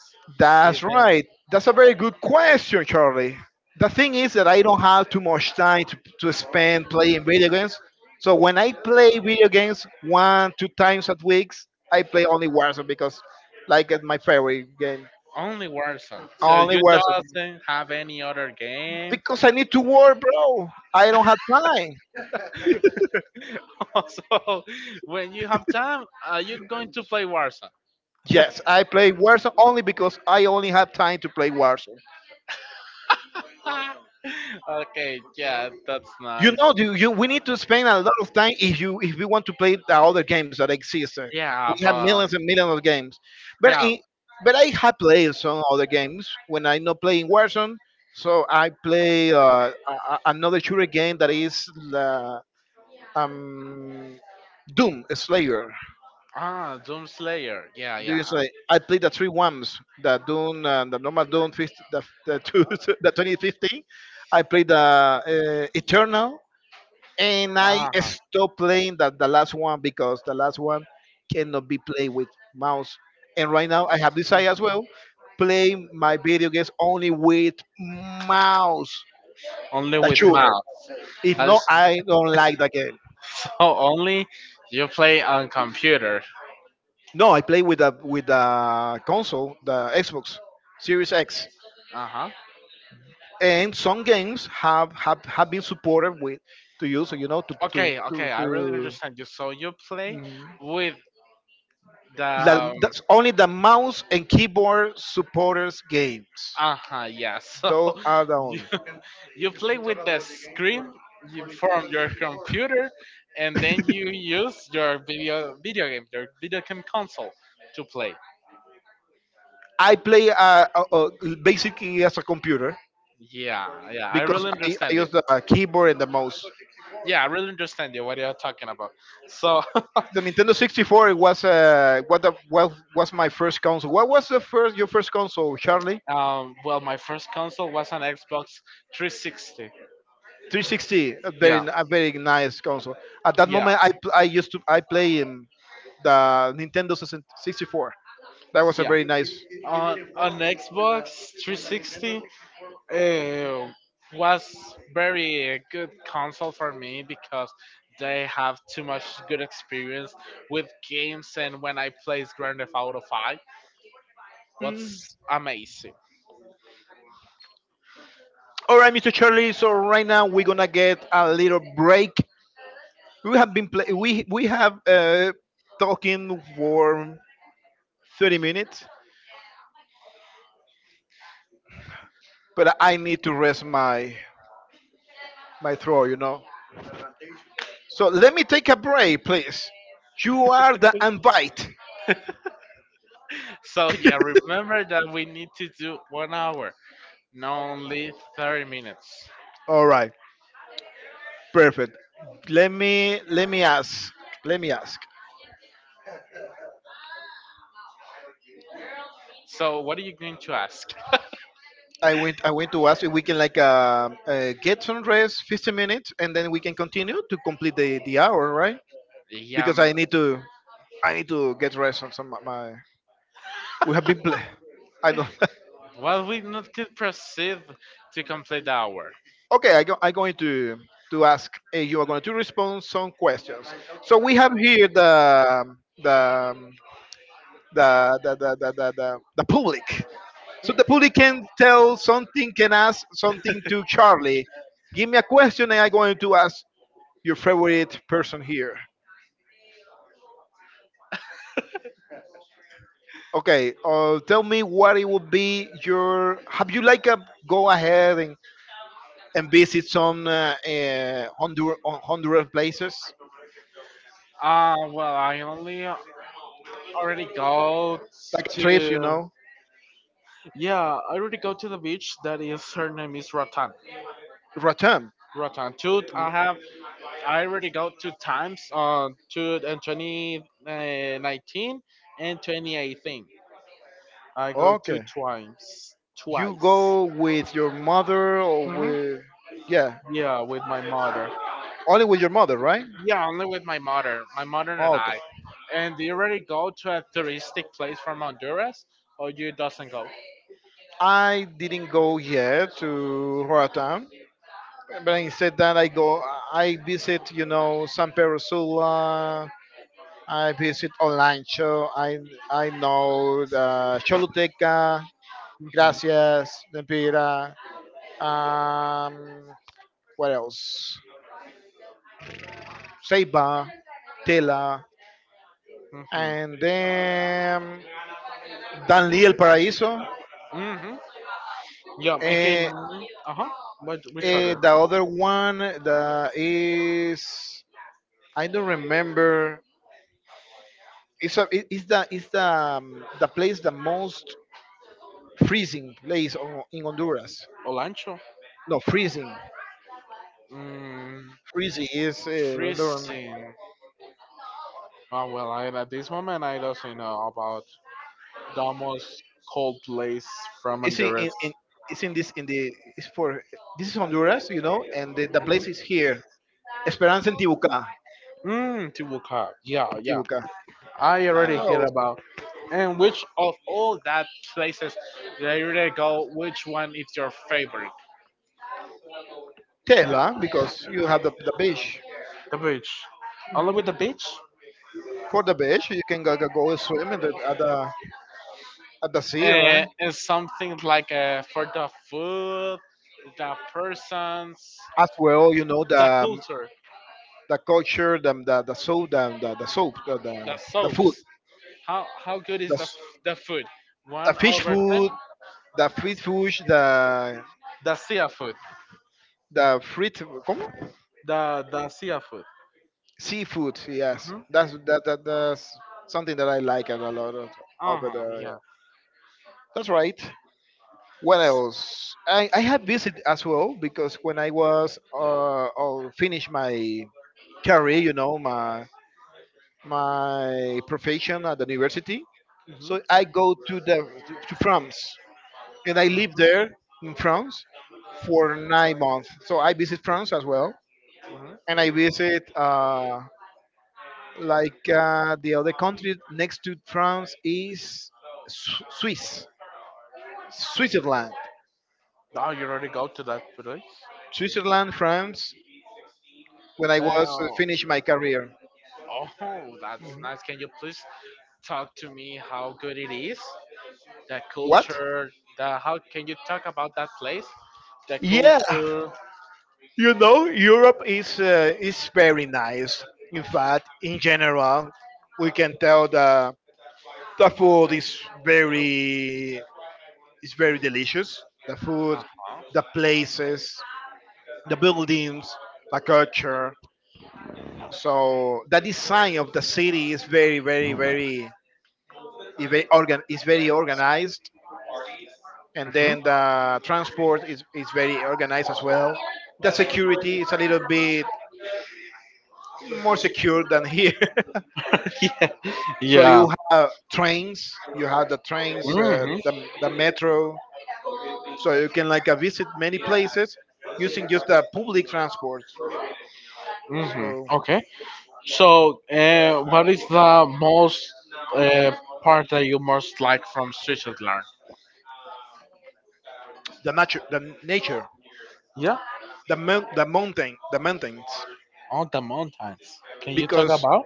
Speaker 2: Even
Speaker 1: that's right. That's a very good question, Charlie. The thing is that I don't have too much time to spend playing video games. So when I play video games one, two times at weeks, I play only Warzone because like it's my favorite game.
Speaker 2: only Warzone. So
Speaker 1: Only
Speaker 2: you
Speaker 1: Warzone.
Speaker 2: doesn't have any other game?
Speaker 1: Because I need to work, bro. I don't have time.
Speaker 2: So when you have time, are you going to play Warzone?
Speaker 1: Yes, I play Warzone only because I only have time to play Warzone.
Speaker 2: Okay, yeah, that's
Speaker 1: You
Speaker 2: nice.
Speaker 1: know, we need to spend a lot of time if we want to play the other games that exist.
Speaker 2: Yeah,
Speaker 1: We have
Speaker 2: but
Speaker 1: millions and millions of games, but
Speaker 2: yeah,
Speaker 1: in, but I have played some other games when I'm not playing Warzone. So I play another shooter game that is the um, Doom Slayer.
Speaker 2: ah, Doom Slayer. Yeah,
Speaker 1: Do you
Speaker 2: yeah.
Speaker 1: say I played the three ones, the Doom, the normal Doom, 50, the 2015. I played the Eternal, and I
Speaker 2: Ah,
Speaker 1: stopped playing that the last one because the last one cannot be played with mouse. And right now I have decided as well play my video games only with mouse,
Speaker 2: only
Speaker 1: the
Speaker 2: with mouse.
Speaker 1: shooter. If
Speaker 2: Uh,
Speaker 1: not, I don't like the game.
Speaker 2: so only you play on computer.
Speaker 1: No, I play with the console, the Xbox Series X,
Speaker 2: Uh huh.
Speaker 1: and some games have been supported with to use, you know,
Speaker 2: Okay, okay, I really
Speaker 1: to
Speaker 2: understand you. So you play with the
Speaker 1: La, that's only the mouse and keyboard supporters games.
Speaker 2: uh huh, yeah. So
Speaker 1: Those are the
Speaker 2: you
Speaker 1: only.
Speaker 2: You play with the screen you from your computer, and then you use your video game, your video game console to play.
Speaker 1: I play basically as a computer
Speaker 2: Yeah, yeah, I
Speaker 1: because
Speaker 2: really
Speaker 1: I
Speaker 2: understand you.
Speaker 1: use the keyboard and the mouse.
Speaker 2: Yeah, I really understand you. What you're talking about. So,
Speaker 1: The Nintendo 64 was what was my first console. What was the first your first console, Charlie?
Speaker 2: well, my first console was an Xbox 360.
Speaker 1: 360,
Speaker 2: Yeah,
Speaker 1: a very nice console. At that
Speaker 2: yeah,
Speaker 1: moment, I pl- I used to I play the Nintendo 64. That was a
Speaker 2: yeah.
Speaker 1: very nice.
Speaker 2: On Xbox 360, it was very good console for me because they have too much good experience with games, and when I plays Grand Theft Auto 5 was amazing.
Speaker 1: All right, Mr. Charlie. So right now we're gonna get a little break. We have been play- we have talking for 30 minutes, but I need to rest my throat. You know. So let me take a break, please. You are the invite.
Speaker 2: So yeah, remember that we need to do 1 hour, not only 30 minutes.
Speaker 1: All right, perfect. Let me let me ask. Let me ask.
Speaker 2: So what are you going to ask?
Speaker 1: I went to ask if we can like get some rest, 15 minutes, and then we can continue to complete the hour, right?
Speaker 2: Yeah,
Speaker 1: Because I need to get rest on some of my. We have been. I don't.
Speaker 2: well, we not could proceed to complete the hour.
Speaker 1: Okay, I'm going to ask. You are going to respond some questions. So we have here the the public. So the public can tell something, can ask something to Charlie. Give me a question, and I'm going to ask your favorite person here. Okay, tell me what it would be your. Have you like a go ahead and visit some Honduran places
Speaker 2: Well, I only already go
Speaker 1: like trips,
Speaker 2: to
Speaker 1: you know?
Speaker 2: yeah, I already go to the beach. That is her name is Ratan.
Speaker 1: Ratam.
Speaker 2: Ratan. Two. I have. I already go two times on two and twenty nineteen and 2018. I go two
Speaker 1: Okay.
Speaker 2: times.
Speaker 1: You
Speaker 2: Twice.
Speaker 1: go with your mother or
Speaker 2: Hmm.
Speaker 1: with yeah,
Speaker 2: Yeah, with my mother.
Speaker 1: only with your mother, right?
Speaker 2: Yeah, only with my mother. My mother and
Speaker 1: Okay.
Speaker 2: I. And do you already go to a touristic place from Honduras, or you doesn't go?
Speaker 1: I didn't go yet to Roatan, but instead that I go, I visit, you know, San Pedro Sula, I visit online show. I know the Choluteca,
Speaker 2: Mm-hmm.
Speaker 1: Gracias, Lempira, um, what else? Seiba, Tela,
Speaker 2: Mm-hmm.
Speaker 1: and then Danli El Paraíso.
Speaker 2: Mm-hmm. Yeah. Okay.
Speaker 1: Eh,
Speaker 2: Uh huh. What? Which other?
Speaker 1: the other one the is I don't remember. It's a, it- it's the It's the place the most freezing place in Honduras.
Speaker 2: Olancho.
Speaker 1: No, freezing.
Speaker 2: Mm,
Speaker 1: Freezy is Honduran.
Speaker 2: freezing. Oh well, at this moment I don't really know about the most cold place from
Speaker 1: It's
Speaker 2: Honduras.
Speaker 1: in it's in this in the it's for This is Honduras, you know, and the place is here. Esperanza in Tibucá.
Speaker 2: Mm, Tibuca. Yeah,
Speaker 1: In
Speaker 2: yeah.
Speaker 1: Tibucá.
Speaker 2: I
Speaker 1: I
Speaker 2: already hear
Speaker 1: know
Speaker 2: about. And which of all that places that you already go, which one is your favorite?
Speaker 1: Tela because you have the beach.
Speaker 2: The beach. Only with the beach?
Speaker 1: For the beach, you can go swim at the sea, right?
Speaker 2: And something like for the food, the persons,
Speaker 1: As well, you know
Speaker 2: the culture,
Speaker 1: the culture, the soap,
Speaker 2: the
Speaker 1: the food,
Speaker 2: soaps. How good
Speaker 1: the,
Speaker 2: is the
Speaker 1: s-
Speaker 2: the food?
Speaker 1: the
Speaker 2: One
Speaker 1: fish
Speaker 2: over ten.
Speaker 1: food, the fruit fish,
Speaker 2: The sea food.
Speaker 1: the fruit. ¿Cómo?
Speaker 2: The sea food.
Speaker 1: Seafood, yes.
Speaker 2: Mhm.
Speaker 1: That's something that I like a lot of,
Speaker 2: Uh
Speaker 1: over
Speaker 2: huh.
Speaker 1: there. Yeah.
Speaker 2: Yeah.
Speaker 1: That's right. What else? I have visited as well because when I was or finish my career, you know, my profession at the university.
Speaker 2: Mhm.
Speaker 1: So I go to the to France and I live
Speaker 2: Mhm.
Speaker 1: there in France for 9 months. So I visit France as well,
Speaker 2: Mhm.
Speaker 1: and I visit the other country next to France is Swiss, Switzerland.
Speaker 2: Oh, you already go to that place?
Speaker 1: Switzerland, France, when I
Speaker 2: Damn.
Speaker 1: was
Speaker 2: Oh,
Speaker 1: finished my career.
Speaker 2: that's
Speaker 1: Mhm.
Speaker 2: nice. Can you please talk to me how good it is? The
Speaker 1: What?
Speaker 2: culture. The How can you talk about that place? The
Speaker 1: Yeah,
Speaker 2: culture.
Speaker 1: you know, Europe is very nice. In fact, in general, we can tell that the food very is very delicious. The
Speaker 2: Uh
Speaker 1: food, the
Speaker 2: huh.
Speaker 1: places, the buildings, the culture. So the design of the city is is very organized, and then the transport is very organized as well. The security is a little bit more secure than here.
Speaker 2: Yeah.
Speaker 1: So
Speaker 2: Yeah.
Speaker 1: you have trains, you have the trains,
Speaker 2: Mhm.
Speaker 1: the metro, so you can like visit many places using just the public transport.
Speaker 2: Mhm.
Speaker 1: So
Speaker 2: Okay. So, what is the most uh, part that you most like from Switzerland?
Speaker 1: the nature,
Speaker 2: Yeah,
Speaker 1: the mountains,
Speaker 2: on the mountains. Can you talk
Speaker 1: because
Speaker 2: about?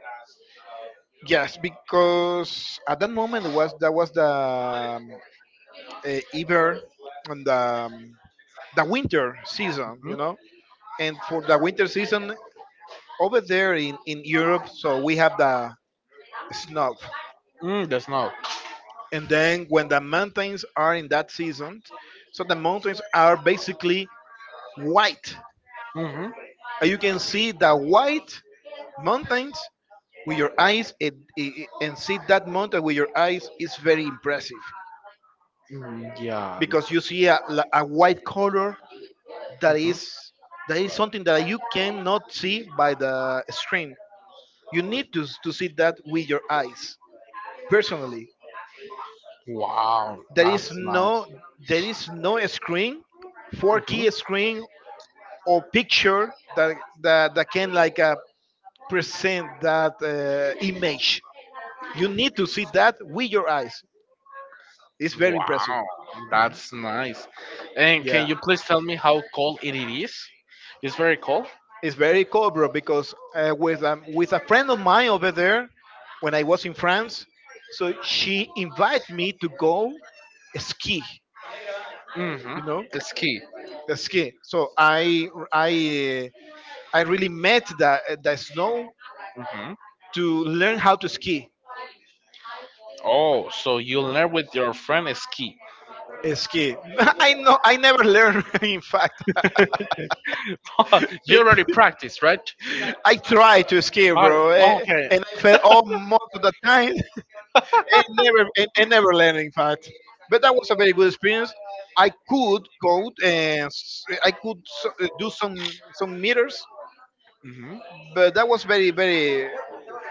Speaker 1: yes, because at that moment it was that was the Iber and the winter season,
Speaker 2: Hmm.
Speaker 1: you know. And for the winter season over there in Europe, so we have the snow.
Speaker 2: The snow.
Speaker 1: And then when the mountains are in that season, so the mountains are basically white.
Speaker 2: Hmm.
Speaker 1: And you can see the white mountains with your eyes, and see that mountain with your eyes is very impressive
Speaker 2: Mm, yeah.
Speaker 1: because you see a white color that
Speaker 2: Hmm.
Speaker 1: is that is something that you cannot see by the screen. You need to, to see that with your eyes personally.
Speaker 2: Wow,
Speaker 1: There is
Speaker 2: that's nice.
Speaker 1: no there is no screen,
Speaker 2: Hmm.
Speaker 1: 4K screen or picture that can like present that image. You need to see that with your eyes. It's very impressive.
Speaker 2: Wow, that's nice. And
Speaker 1: Yeah.
Speaker 2: can you please tell me how cold it is? It's very cold.
Speaker 1: It's very cool, bro, because with a friend of mine over there, when I was in France, so she invited me to go ski.
Speaker 2: Mm-hmm.
Speaker 1: You know,
Speaker 2: The ski.
Speaker 1: the ski. So I really met the snow to learn how to ski.
Speaker 2: Oh, so you learn with your friend ski.
Speaker 1: Ski. I know. I never learned. In fact,
Speaker 2: You
Speaker 1: Big-
Speaker 2: already practiced, right?
Speaker 1: I tried to ski,
Speaker 2: I,
Speaker 1: bro,
Speaker 2: okay.
Speaker 1: and I fell all most of the time. And never and never learn, in fact, but that was a very good experience. I could code and s- I could so, do some meters,
Speaker 2: hmm.
Speaker 1: but that was very very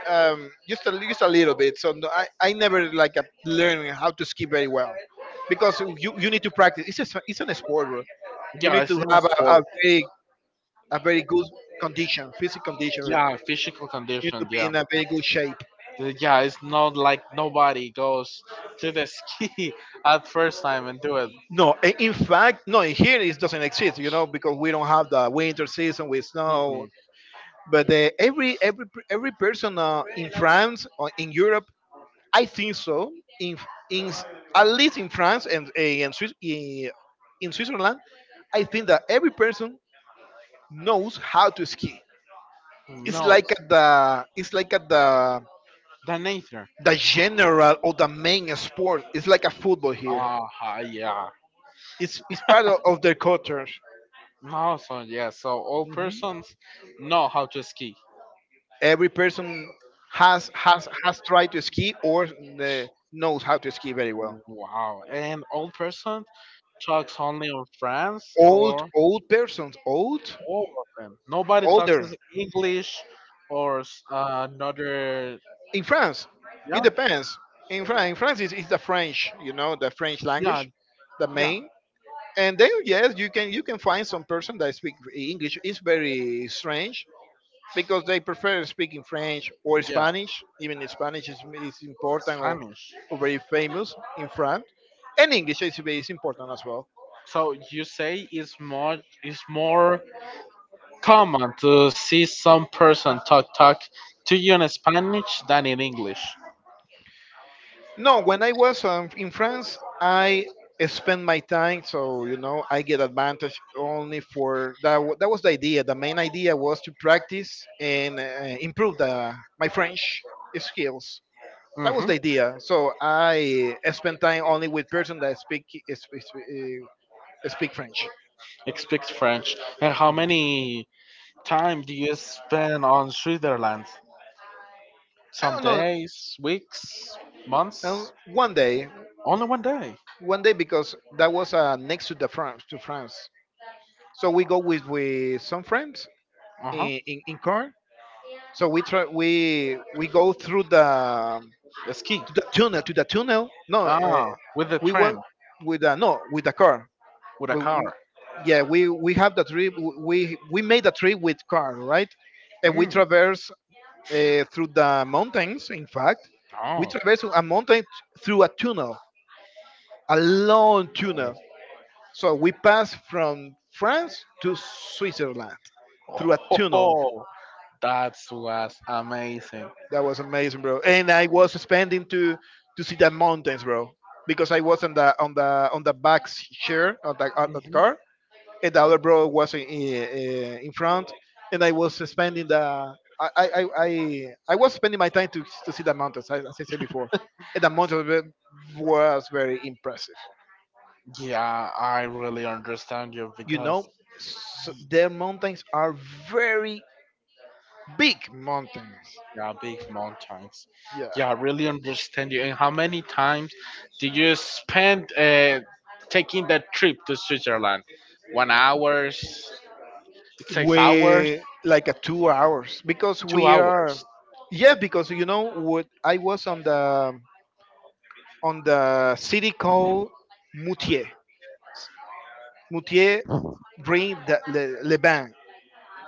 Speaker 1: um, just a, just a little bit. So no, I never like learned how to ski very well because you need to practice. It's an sport, bro. You
Speaker 2: Yeah,
Speaker 1: need
Speaker 2: it's
Speaker 1: to
Speaker 2: in a
Speaker 1: have
Speaker 2: sport.
Speaker 1: a very good condition, physical condition. You
Speaker 2: Yeah, physical
Speaker 1: need to
Speaker 2: condition.
Speaker 1: be
Speaker 2: Yeah,
Speaker 1: in a very good shape.
Speaker 2: Yeah. It's not like nobody goes to the ski at first time and do it.
Speaker 1: No, in fact, no. In here, it doesn't exist, you know, because we don't have the winter season with
Speaker 2: Hmm.
Speaker 1: snow. But every person in France or in Europe, I think so. In in s- at least in France and in, Swiss, in Switzerland, I think that every person knows how to ski.
Speaker 2: No,
Speaker 1: It's like at
Speaker 2: the nature.
Speaker 1: the general or the main sport. It's like a football here.
Speaker 2: Ah, ha, yeah.
Speaker 1: It's part of their culture.
Speaker 2: No, so yeah, so all
Speaker 1: Mm-hmm.
Speaker 2: persons know how to ski.
Speaker 1: Every person has tried to ski or knows how to ski very well.
Speaker 2: Wow, and all person talks only in French or
Speaker 1: Old
Speaker 2: all of them. Nobody talks
Speaker 1: older.
Speaker 2: is English or another.
Speaker 1: In France, it
Speaker 2: Yeah,
Speaker 1: depends. In France, in France is it's the French, you know, the French
Speaker 2: yeah,
Speaker 1: language, the
Speaker 2: yeah,
Speaker 1: main. And then yes, you can find some person that speak English. It's very strange because they prefer speaking French or
Speaker 2: yeah.
Speaker 1: Spanish. Even Spanish is important, or,
Speaker 2: Spanish.
Speaker 1: or very famous in France, and English is important as well.
Speaker 2: So you say it's more common to see some person talk to you in Spanish than in English.
Speaker 1: No, when I was in France, I spent my time, so you know, I get advantage only for that. That was the idea. The main idea was to practice and improve the my French skills. That was
Speaker 2: Mm-hmm.
Speaker 1: the idea. So I spent time only with person that speak speak French.
Speaker 2: It speaks French. And how
Speaker 1: Mhm.
Speaker 2: many time do you spend on Switzerland?
Speaker 1: I
Speaker 2: Some
Speaker 1: don't know.
Speaker 2: days, weeks,
Speaker 1: Um,
Speaker 2: months?
Speaker 1: one day,
Speaker 2: Only 1 day.
Speaker 1: one day because that was next to the France to France. So we go with some friends
Speaker 2: Uh huh.
Speaker 1: in car. So we try we go through the
Speaker 2: A ski.
Speaker 1: to the tunnel. No,
Speaker 2: Ah, with a
Speaker 1: we went
Speaker 2: train,
Speaker 1: with the no with the car.
Speaker 2: with a
Speaker 1: We,
Speaker 2: car.
Speaker 1: we- yeah, we have the trip. We made a trip with car, right? And we
Speaker 2: Mm.
Speaker 1: traverse through the mountains. In fact, we
Speaker 2: Oh.
Speaker 1: traverse a mountain through a tunnel, a long tunnel.
Speaker 2: Yes.
Speaker 1: So we pass from France to Switzerland through a tunnel.
Speaker 2: Oh, that was amazing.
Speaker 1: That was amazing, bro. And I was spending to see the mountains, bro, because I was on the on the back chair of the
Speaker 2: Mhm.
Speaker 1: car, and the other bro was in front, and I was spending the. I was spending my time to see the mountains, as I said before. And the mountains was very impressive.
Speaker 2: Yeah, I really understand you
Speaker 1: You
Speaker 2: because
Speaker 1: know, s their mountains are very big mountains.
Speaker 2: yeah, big mountains.
Speaker 1: Yeah.
Speaker 2: Yeah, I really understand you. And how many times did you spend taking that trip to Switzerland? 1 hours, 6 hours,
Speaker 1: We like a 2 hours because
Speaker 2: two
Speaker 1: we are
Speaker 2: hours.
Speaker 1: yeah because you know what I was on the city called moutier moutier bring the le Bain.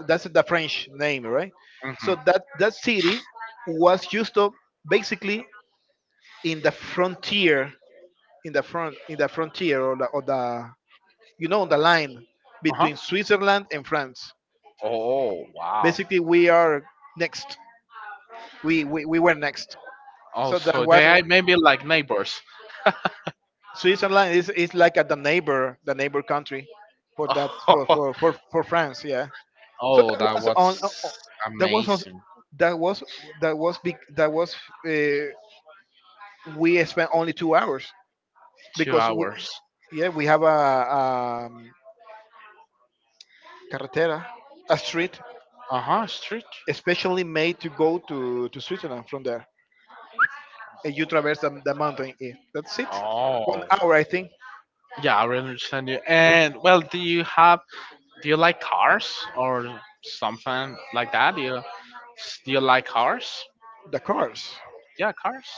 Speaker 1: That's the french name, right?
Speaker 2: Mm-hmm.
Speaker 1: So that that city was used to basically in the frontier, in the front, in the frontier, or the, you know, on the line
Speaker 2: Uh-huh.
Speaker 1: between Switzerland and France.
Speaker 2: Oh, wow.
Speaker 1: Basically we are next. We were next.
Speaker 2: Oh,
Speaker 1: So that's
Speaker 2: so
Speaker 1: why
Speaker 2: they are maybe like neighbors.
Speaker 1: Switzerland is like a, the neighbor country for that for France. Yeah. So that
Speaker 2: Oh, that
Speaker 1: was
Speaker 2: was
Speaker 1: on. That was on.
Speaker 2: amazing.
Speaker 1: That was that was big. That was uh, we spent only 2 hours
Speaker 2: Two
Speaker 1: because we
Speaker 2: hours.
Speaker 1: yeah. We have a, um, carretera, a street
Speaker 2: Uh-huh, street.
Speaker 1: especially made to go to Switzerland from there, and you traverse the mountain. Eh. That's it. One
Speaker 2: Oh.
Speaker 1: hour, I think.
Speaker 2: Yeah, I really understand you. And well, do you like cars or something like that? Do you like cars?
Speaker 1: The cars.
Speaker 2: Yeah, cars.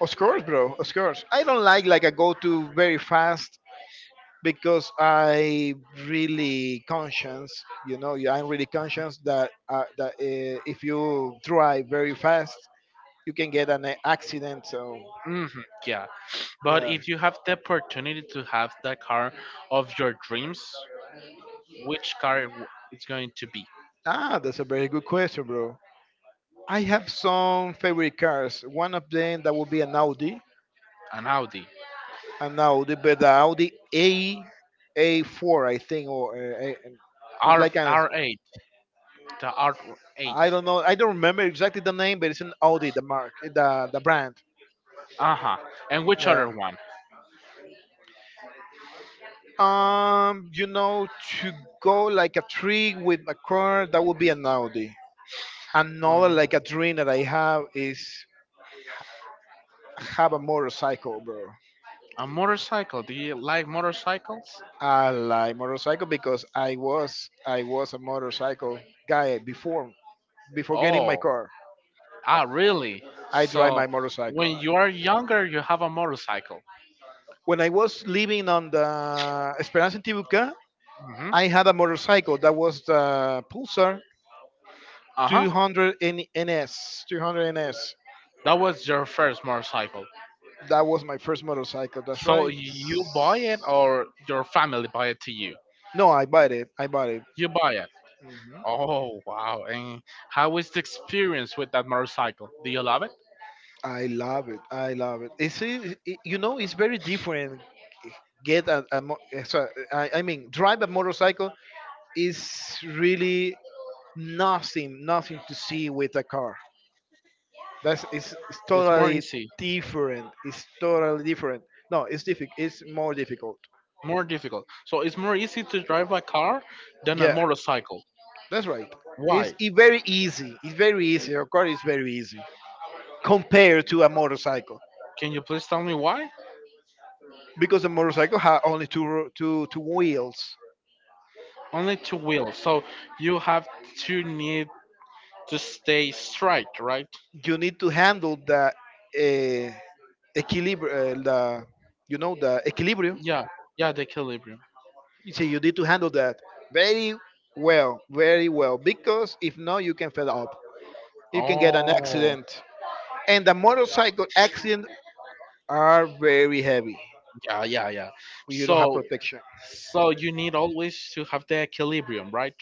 Speaker 1: Of course, bro. Of course. I don't like I go to very fast because I really conscious. You know, yeah, I'm really conscious that if you drive very fast, you can get an accident. So
Speaker 2: Hmm, yeah, but
Speaker 1: yeah.
Speaker 2: if you have the opportunity to have that car of your dreams, which car it's going to be?
Speaker 1: Ah, that's a very good question, bro. I have some favorite cars. One of them that would be
Speaker 2: An Audi
Speaker 1: an Audi, but the Audi A A4, I think, or A- it's
Speaker 2: R
Speaker 1: like a
Speaker 2: R8, the R8.
Speaker 1: I don't know. I don't remember exactly the name, but it's an Audi, the mark, the brand.
Speaker 2: Uh huh. And which
Speaker 1: Yeah.
Speaker 2: other one?
Speaker 1: You know, to go like a tree with a car, that would be an Audi. Another like a dream that I have is have a motorcycle, bro.
Speaker 2: A motorcycle. Do you like motorcycles?
Speaker 1: I like motorcycle because I was a motorcycle guy before before getting my
Speaker 2: Oh,
Speaker 1: car.
Speaker 2: ah, really?
Speaker 1: I drive
Speaker 2: So
Speaker 1: my motorcycle.
Speaker 2: when you are younger, you have a motorcycle.
Speaker 1: When I was living on the Esperanza Tibuca,
Speaker 2: Hmm.
Speaker 1: I had a motorcycle that was the Pulsar
Speaker 2: Uh huh.
Speaker 1: 200 NS, 200 NS.
Speaker 2: That was your first motorcycle.
Speaker 1: That was my first motorcycle. That's
Speaker 2: So
Speaker 1: right.
Speaker 2: you buy it, or your family buy it to you?
Speaker 1: No, I bought it. I bought it.
Speaker 2: You buy it.
Speaker 1: Mhm.
Speaker 2: Oh wow! And how is the experience with that motorcycle? Do you love it?
Speaker 1: I love it. I love it. You know it's very different. Get a mo- eh, so- I mean drive a motorcycle is really nothing to see with a car. It's
Speaker 2: It's more
Speaker 1: totally
Speaker 2: easy,
Speaker 1: different. It's totally different. No, it's difficult. It's more difficult.
Speaker 2: more difficult. So it's more easy to drive a car than a
Speaker 1: Yeah.
Speaker 2: motorcycle.
Speaker 1: That's right.
Speaker 2: Why?
Speaker 1: It's very easy. It's very easy. Your car is very easy compared to a motorcycle
Speaker 2: Can you please tell me why?
Speaker 1: because a motorcycle has only two ro- two two wheels.
Speaker 2: Only two wheels. So you have to need to stay straight, right?
Speaker 1: You need to handle the equilibrium. The equilibrium.
Speaker 2: Yeah, yeah, the equilibrium.
Speaker 1: You see, you need to handle that very well, very well because if not, you can fail up. You can get an
Speaker 2: Oh,
Speaker 1: accident, and the motorcycle accidents are very heavy.
Speaker 2: yeah, yeah, yeah.
Speaker 1: You don't have
Speaker 2: So,
Speaker 1: protection.
Speaker 2: so you need always to have the equilibrium, right?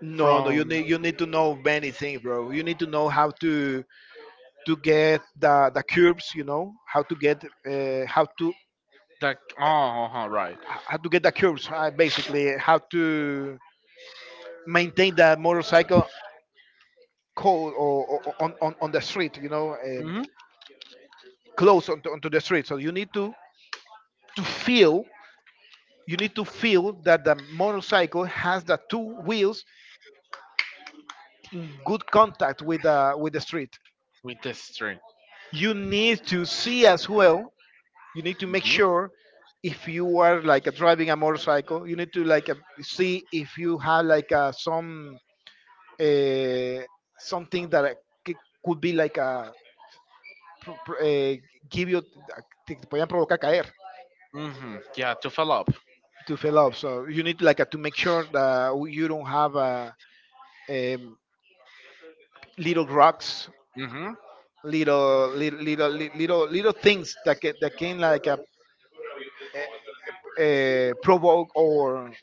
Speaker 1: No, no, you
Speaker 2: From
Speaker 1: need you need to know many things, bro. You need to know how to get the curves, how to
Speaker 2: the Oh, uh-huh, right.
Speaker 1: how to get the curves, basically, how to maintain the motorcycle cold, or on the street,
Speaker 2: Mm-hmm.
Speaker 1: close onto the street. So you need to feel that the motorcycle has the two wheels in good contact with the street.
Speaker 2: With the string.
Speaker 1: You need to see as well, you need to make
Speaker 2: Mm-hmm.
Speaker 1: sure if you are like a, driving a motorcycle, you need to like a, see if you have like a, some uh, something that c- could be like a pr- pr- eh, give you te te podían provocar caer
Speaker 2: Mm-hmm. Yeah, to fill up.
Speaker 1: to fill up, so you need like a, to make sure that you don't have a, um little rocks
Speaker 2: Mm-hmm.
Speaker 1: little little little little little things that can like a, uh, provoke or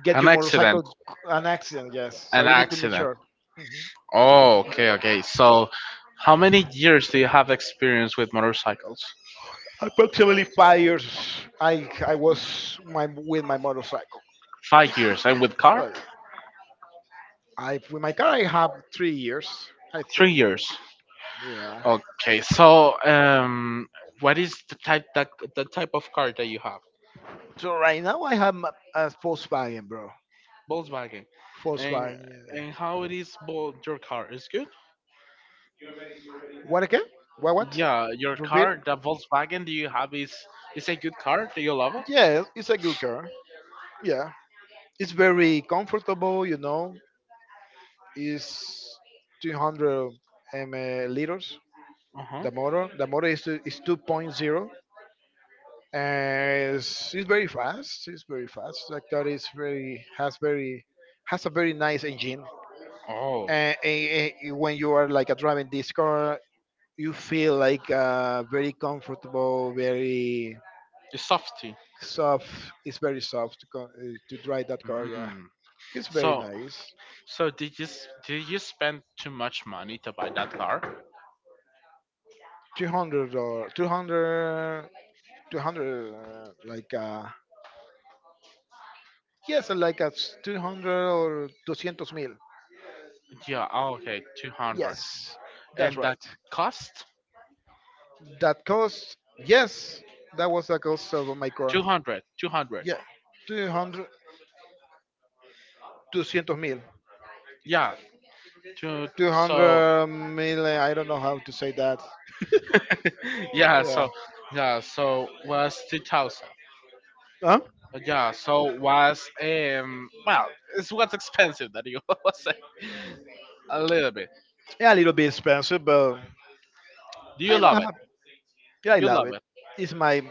Speaker 1: get
Speaker 2: An
Speaker 1: your
Speaker 2: accident.
Speaker 1: motorcycle an accident. Yes, so
Speaker 2: An
Speaker 1: you need to make
Speaker 2: accident.
Speaker 1: sure. Mhm.
Speaker 2: Oh, okay, okay. So, how many years do you have experience with motorcycles?
Speaker 1: Approximately 5 years, I was my with my motorcycle.
Speaker 2: 5 years. And with car?
Speaker 1: So I with my car, I have 3 years, I
Speaker 2: Three
Speaker 1: think.
Speaker 2: years.
Speaker 1: Yeah.
Speaker 2: Okay, so what is the type of car that you have?
Speaker 1: So right now I have a Volkswagen, bro.
Speaker 2: Volkswagen, and
Speaker 1: Volkswagen. Yeah.
Speaker 2: and how it is your car is good?
Speaker 1: What again? What?
Speaker 2: Yeah, your
Speaker 1: Repeat.
Speaker 2: car, the Volkswagen that you have is a good car. Do you love it?
Speaker 1: Yeah, it's a good car. Yeah, it's very comfortable. It's 200 ml liters.
Speaker 2: Uh huh.
Speaker 1: The motor is 2.0, and it's very fast. It's very fast. Like that is very has a very nice engine.
Speaker 2: Oh,
Speaker 1: And, and- and when you are like a driving this car, you feel like very comfortable, very
Speaker 2: the softy.
Speaker 1: soft. It's very soft to drive that car. Yeah,
Speaker 2: Mm.
Speaker 1: it's very
Speaker 2: So
Speaker 1: nice.
Speaker 2: so did you did you spend too much money to buy that car?
Speaker 1: 200 or 200 200, like yes, like a 200 or 200 mil.
Speaker 2: Yeah. Oh, okay, 200,
Speaker 1: Yes, that's
Speaker 2: and that
Speaker 1: right.
Speaker 2: cost
Speaker 1: That cost, yes, that was the cost of my car.
Speaker 2: 200. 200.
Speaker 1: Yeah, 200, 200 mil.
Speaker 2: Yeah. Two. So
Speaker 1: 200 mil, I don't know how to say that.
Speaker 2: yeah
Speaker 1: Yeah.
Speaker 2: so yeah so was 2000,
Speaker 1: Huh?
Speaker 2: yeah so was well, it's what's expensive that you was saying a little bit.
Speaker 1: Yeah, a little bit expensive, but
Speaker 2: Do you
Speaker 1: I don't
Speaker 2: love it
Speaker 1: have. Yeah, I
Speaker 2: you
Speaker 1: love
Speaker 2: love
Speaker 1: it.
Speaker 2: it.
Speaker 1: It's my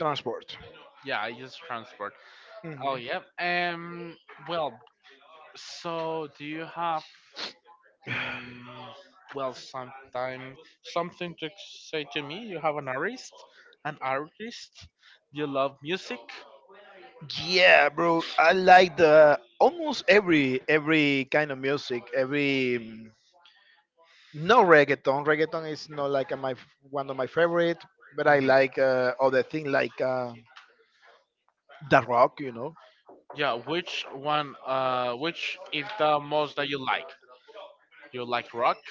Speaker 1: transport.
Speaker 2: Yeah, I use transport. Oh
Speaker 1: Hmm.
Speaker 2: yep. Well, so do you have um, well sometime something to say to me? You have an artist. You love music.
Speaker 1: Yeah, bro. I like the almost every kind of music, every. No reggaeton. Reggaeton is not like a, one of my favorite, but I like other thing like the rock.
Speaker 2: Yeah, which one which is the most that you like? You like rock,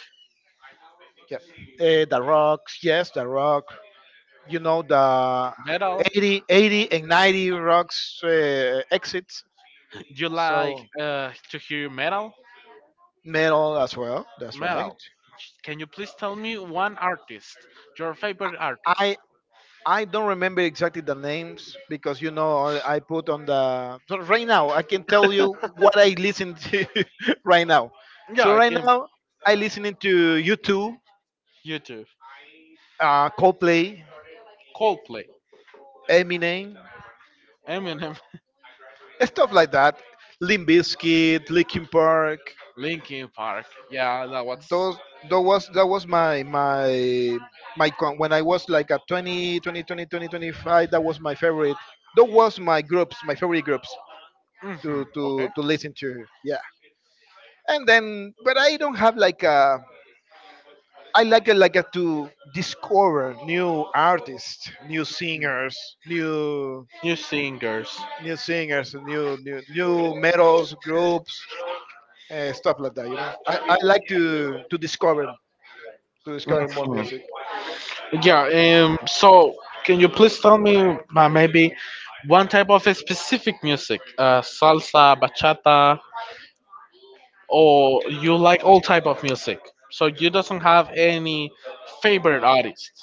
Speaker 1: Yeah, the rocks. Yes, the rock. You know, the
Speaker 2: metal?
Speaker 1: 80, 80 and 90 rocks, exits.
Speaker 2: You like
Speaker 1: So
Speaker 2: to hear metal?
Speaker 1: metal as well. That's right.
Speaker 2: Metal. Can you please tell me one artist, your favorite artist?
Speaker 1: I I don't remember exactly the names because I put on the so right now I can tell you what I listen to right now.
Speaker 2: Yeah,
Speaker 1: So
Speaker 2: I
Speaker 1: right
Speaker 2: can.
Speaker 1: now I listening to YouTube,
Speaker 2: YouTube,
Speaker 1: Coldplay,
Speaker 2: Coldplay,
Speaker 1: Eminem,
Speaker 2: Eminem,
Speaker 1: stuff like that. Limp Bizkit, Linkin Park.
Speaker 2: Linkin Park. Yeah, that was.
Speaker 1: Those that was my when I was like a 20 25. That was my favorite. That was my groups, my favorite groups
Speaker 2: Hmm.
Speaker 1: to to
Speaker 2: Okay.
Speaker 1: to listen to. Yeah. And then but I don't have like a, I like it like a, to discover new artists, new singers,
Speaker 2: New singers.
Speaker 1: new metals groups, stuff like that. I like to discover, to discover more
Speaker 2: Hmm.
Speaker 1: music.
Speaker 2: Yeah.
Speaker 1: Yeah.
Speaker 2: So, can you please tell me maybe one type of a specific music? Salsa, bachata, or you like all type of music, so you doesn't have any favorite artist?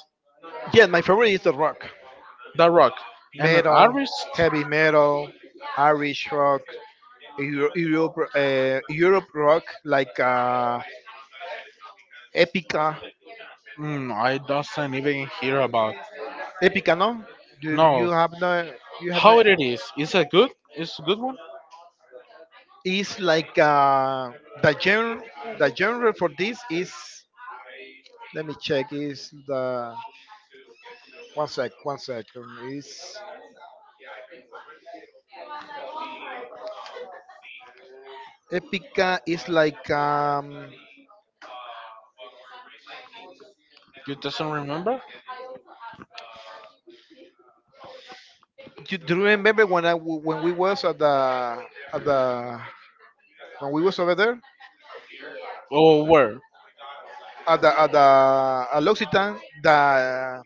Speaker 1: Yeah, my favorite is the rock,
Speaker 2: The rock and an
Speaker 1: metal,
Speaker 2: artist.
Speaker 1: heavy metal, Irish rock, Europe rock, like epica.
Speaker 2: Mm, I doesn't even hear about.
Speaker 1: Epicano, do you
Speaker 2: No.
Speaker 1: have, no? You have no.
Speaker 2: How it is it good, is a good one?
Speaker 1: Is like, the genre for this is. Let me check. Is the, one second. Is Epica is like. um,
Speaker 2: You doesn't remember
Speaker 1: Do, do you remember when when we was at the when we was over there
Speaker 2: or where?
Speaker 1: at the at the at L'Occitane, the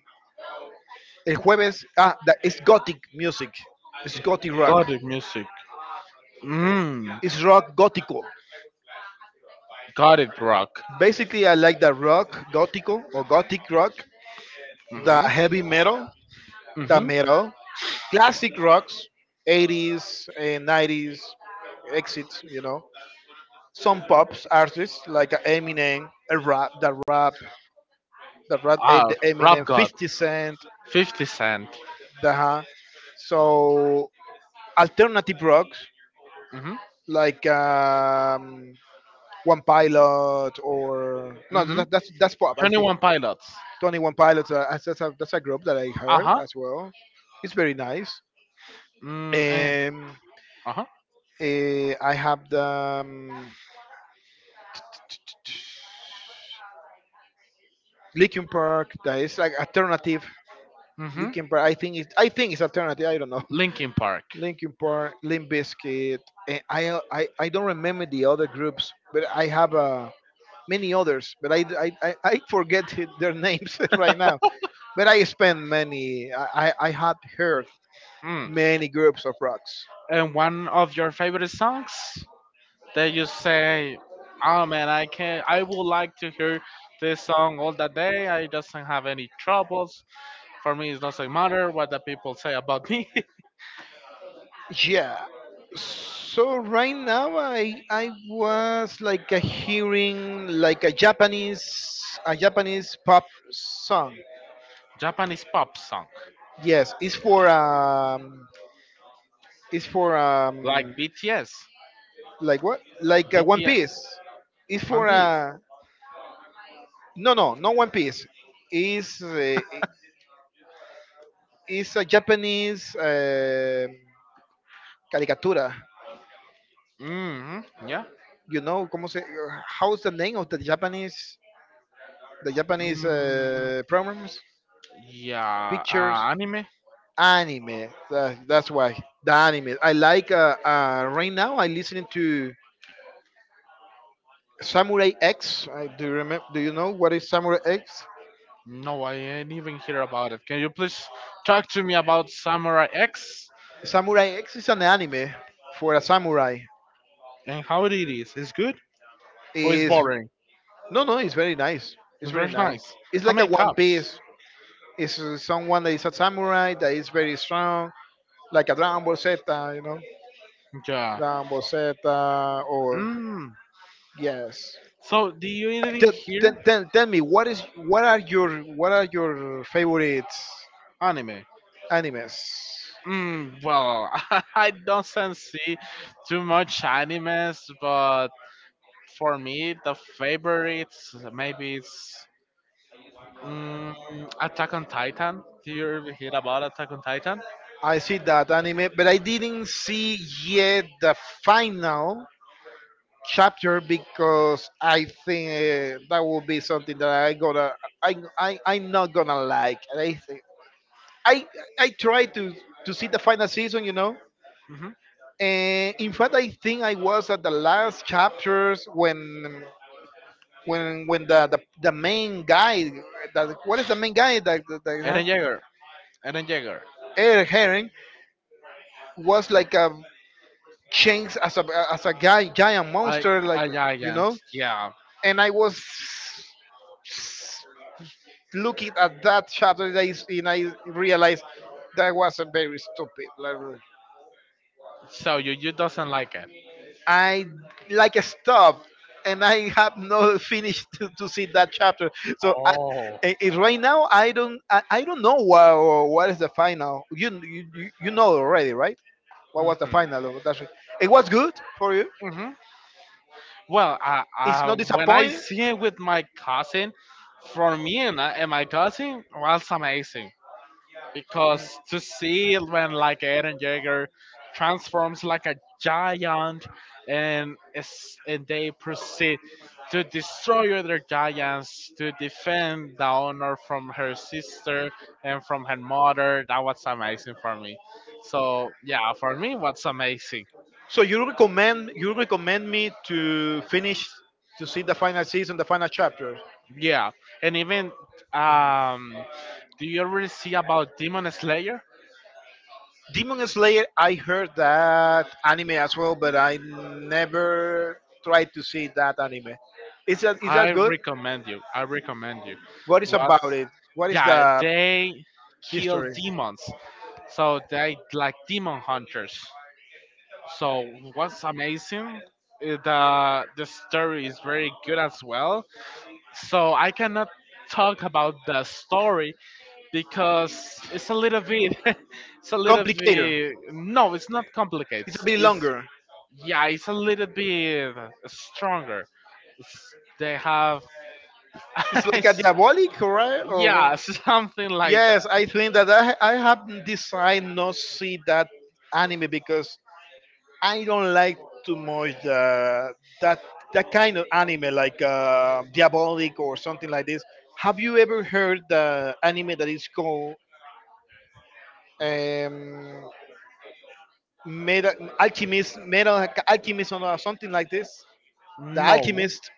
Speaker 1: El jueves, that it's gothic music. It's gothic rock.
Speaker 2: Gothic music. Mm,
Speaker 1: It's rock gótico.
Speaker 2: gothic rock.
Speaker 1: Basically, I like the rock gótico or gothic rock, the
Speaker 2: Mm-hmm,
Speaker 1: heavy metal, the
Speaker 2: mm-hmm.
Speaker 1: metal, classic rocks, 80s and 90s exits. Some pops artists like a Eminem, a rap,
Speaker 2: Ah,
Speaker 1: the
Speaker 2: rap
Speaker 1: Eminem,
Speaker 2: god.
Speaker 1: 50 Cent,
Speaker 2: 50 Cent.
Speaker 1: the huh. So alternative rocks,
Speaker 2: Mm-hmm,
Speaker 1: like One Pilot, or no,
Speaker 2: mm-hmm.
Speaker 1: that's pop, I think.
Speaker 2: 21 pilots.
Speaker 1: Twenty One Pilots. That's a group that I heard
Speaker 2: Uh-huh.
Speaker 1: as well. It's very nice.
Speaker 2: And
Speaker 1: Um,
Speaker 2: uh-huh,
Speaker 1: I have the Linkin Park. That is like alternative.
Speaker 2: mhm.
Speaker 1: Linkin Park. I think it's alternative. I don't know.
Speaker 2: Linkin Park.
Speaker 1: Linkin Park, Limp Bizkit. I don't remember the other groups, but I have many others. But I forget their names right now. But I spent many. I had heard
Speaker 2: Hmm.
Speaker 1: many groups of rocks.
Speaker 2: And one of your favorite songs that you say, "Oh man, I can. I would like to hear this song all the day. I doesn't have any troubles. For me, it doesn't matter what the people say about me."
Speaker 1: Yeah. So right now I was like a hearing like a Japanese pop song.
Speaker 2: Japanese pop song,
Speaker 1: Yes, it's for
Speaker 2: like
Speaker 1: like, what? Like One
Speaker 2: BTS,
Speaker 1: Piece. It's
Speaker 2: One
Speaker 1: for
Speaker 2: Piece.
Speaker 1: no, no, not One Piece. It's uh, it's a Japanese, caricatura.
Speaker 2: Hmm. Yeah.
Speaker 1: You know, como se, how's the name of the Japanese,
Speaker 2: Mm,
Speaker 1: programs,
Speaker 2: yeah.
Speaker 1: pictures,
Speaker 2: Anime.
Speaker 1: anime. That's why, the anime I like. Right now, I listening to Samurai X. Do you remember? Do you know what is Samurai X?
Speaker 2: No, I ain't even hear about it. Can you please talk to me about Samurai X?
Speaker 1: Samurai X is an anime for a samurai.
Speaker 2: And how it is? It's good or it's
Speaker 1: Is
Speaker 2: boring?
Speaker 1: No, no. It's very nice. It's
Speaker 2: It's
Speaker 1: very
Speaker 2: very
Speaker 1: nice.
Speaker 2: nice.
Speaker 1: It's
Speaker 2: How
Speaker 1: like a
Speaker 2: many
Speaker 1: One
Speaker 2: cups?
Speaker 1: Piece. It's someone that is a samurai that is very strong, like a Dragon Ball Z. You know.
Speaker 2: Yeah.
Speaker 1: Than Boceta, or
Speaker 2: Mm.
Speaker 1: yes.
Speaker 2: So, do you even
Speaker 1: Tell, tell,
Speaker 2: hear
Speaker 1: tell tell me, what are your favorite
Speaker 2: anime?
Speaker 1: animes?
Speaker 2: Mm, well, I don't see too much animes, but for me, the favorites maybe it's mm, Attack on Titan. Do you ever hear about Attack on Titan?
Speaker 1: I see that anime, but I didn't see yet the final chapter because I think, that will be something that I am not gonna like. And I think I I tried to see the final season,
Speaker 2: Mm-hmm.
Speaker 1: And in fact, I think I was at the last chapters when the main guy — that what is the main guy that that, that has
Speaker 2: Eren Yeager. Eren Yeager.
Speaker 1: Eric Herring — was like a changed as a guy, giant
Speaker 2: I,
Speaker 1: monster, like,
Speaker 2: a
Speaker 1: you
Speaker 2: giant.
Speaker 1: know
Speaker 2: Yeah.
Speaker 1: and I was looking at that chapter, and I realized that was a very stupid, like,
Speaker 2: So you doesn't like it.
Speaker 1: I like stopped, and I have not finished to see that chapter. So
Speaker 2: Oh.
Speaker 1: right now I don't know what is the final. You know already, right? What was the
Speaker 2: Mhm.
Speaker 1: final of that? It was good for you.
Speaker 2: Hmm. Well,
Speaker 1: It's not
Speaker 2: when I
Speaker 1: disappointing.
Speaker 2: see it with my cousin, for me and my cousin was amazing because to see it when like Eren Jaeger transforms like a giant and is, and they proceed to destroy other giants to defend the honor from her sister and from her mother that was amazing for me, so yeah, for me what's amazing.
Speaker 1: So you recommend me to finish, to see the final season, the final chapter.
Speaker 2: Yeah, and even um do you already see about Demon Slayer?
Speaker 1: Demon Slayer, I heard that anime as well, but I never tried to see that anime. Is that is
Speaker 2: I
Speaker 1: that good?
Speaker 2: recommend you. I recommend you.
Speaker 1: What is
Speaker 2: What?
Speaker 1: about it? What is
Speaker 2: Yeah,
Speaker 1: the
Speaker 2: they kill
Speaker 1: history?
Speaker 2: demons. So they like demon hunters. So what's amazing is the story is very good as well. So I cannot talk about the story because it's a little bit it's a little
Speaker 1: Complicated.
Speaker 2: bit no, it's not complicated.
Speaker 1: It's a bit
Speaker 2: It's
Speaker 1: longer.
Speaker 2: yeah, it's a little bit stronger. It's, they have,
Speaker 1: It's like a diabolic, right? Or
Speaker 2: yeah, something like
Speaker 1: yes,
Speaker 2: that.
Speaker 1: I think that I have decided not see that anime because I don't like too much the, that that kind of anime, like Diabolic or something like this. Have you ever heard the anime that is called, um, Metal Alchemist or something like this? The
Speaker 2: No,
Speaker 1: Alchemist,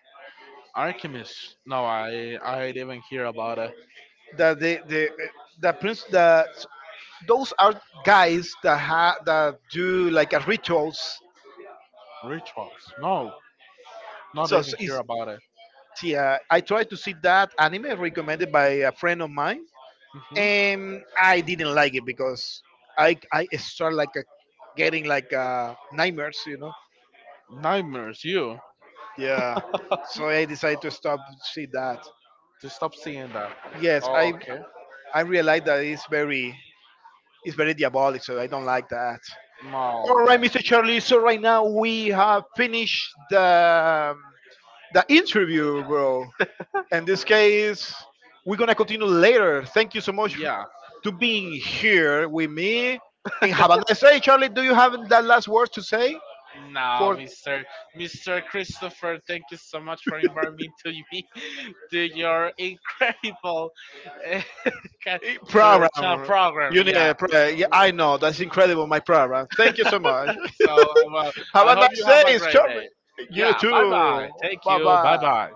Speaker 2: alchemist. No, I didn't hear about it.
Speaker 1: the the the, the prince, the those are guys that, that do like a rituals.
Speaker 2: Rituals. No, not even
Speaker 1: So
Speaker 2: hear
Speaker 1: it's,
Speaker 2: about it.
Speaker 1: yeah, I tried to see that anime recommended by a friend of mine,
Speaker 2: Hmm.
Speaker 1: and I didn't like it because I start like a, getting like, nightmares.
Speaker 2: Nightmares. You.
Speaker 1: Yeah, so I decided to stop see that.
Speaker 2: Just stop seeing that.
Speaker 1: Yes,
Speaker 2: Oh,
Speaker 1: I
Speaker 2: okay.
Speaker 1: I realized that it's very diabolic, so I don't like that.
Speaker 2: Oh
Speaker 1: All
Speaker 2: yeah.
Speaker 1: right, Mr. Charlie. So right now we have finished the interview, bro. In this case, we're gonna continue later. Thank you so much
Speaker 2: Yeah,
Speaker 1: to being here with me in Havana. Say, Charlie, do you have that last word to say
Speaker 2: no,
Speaker 1: for?
Speaker 2: Mr. Christopher, thank you so much for inviting me to your incredible uh, ca- to channel
Speaker 1: Program. You
Speaker 2: program.
Speaker 1: need
Speaker 2: Yeah.
Speaker 1: a pro- Yeah, I know that's incredible. My program. Thank you so much.
Speaker 2: So well,
Speaker 1: Have
Speaker 2: I
Speaker 1: a
Speaker 2: hope
Speaker 1: nice
Speaker 2: you have a
Speaker 1: day,
Speaker 2: great
Speaker 1: Charlie.
Speaker 2: day.
Speaker 1: You
Speaker 2: Yeah. Bye
Speaker 1: too.
Speaker 2: bye. Thank
Speaker 1: Bye
Speaker 2: you. Bye
Speaker 1: bye.
Speaker 2: bye.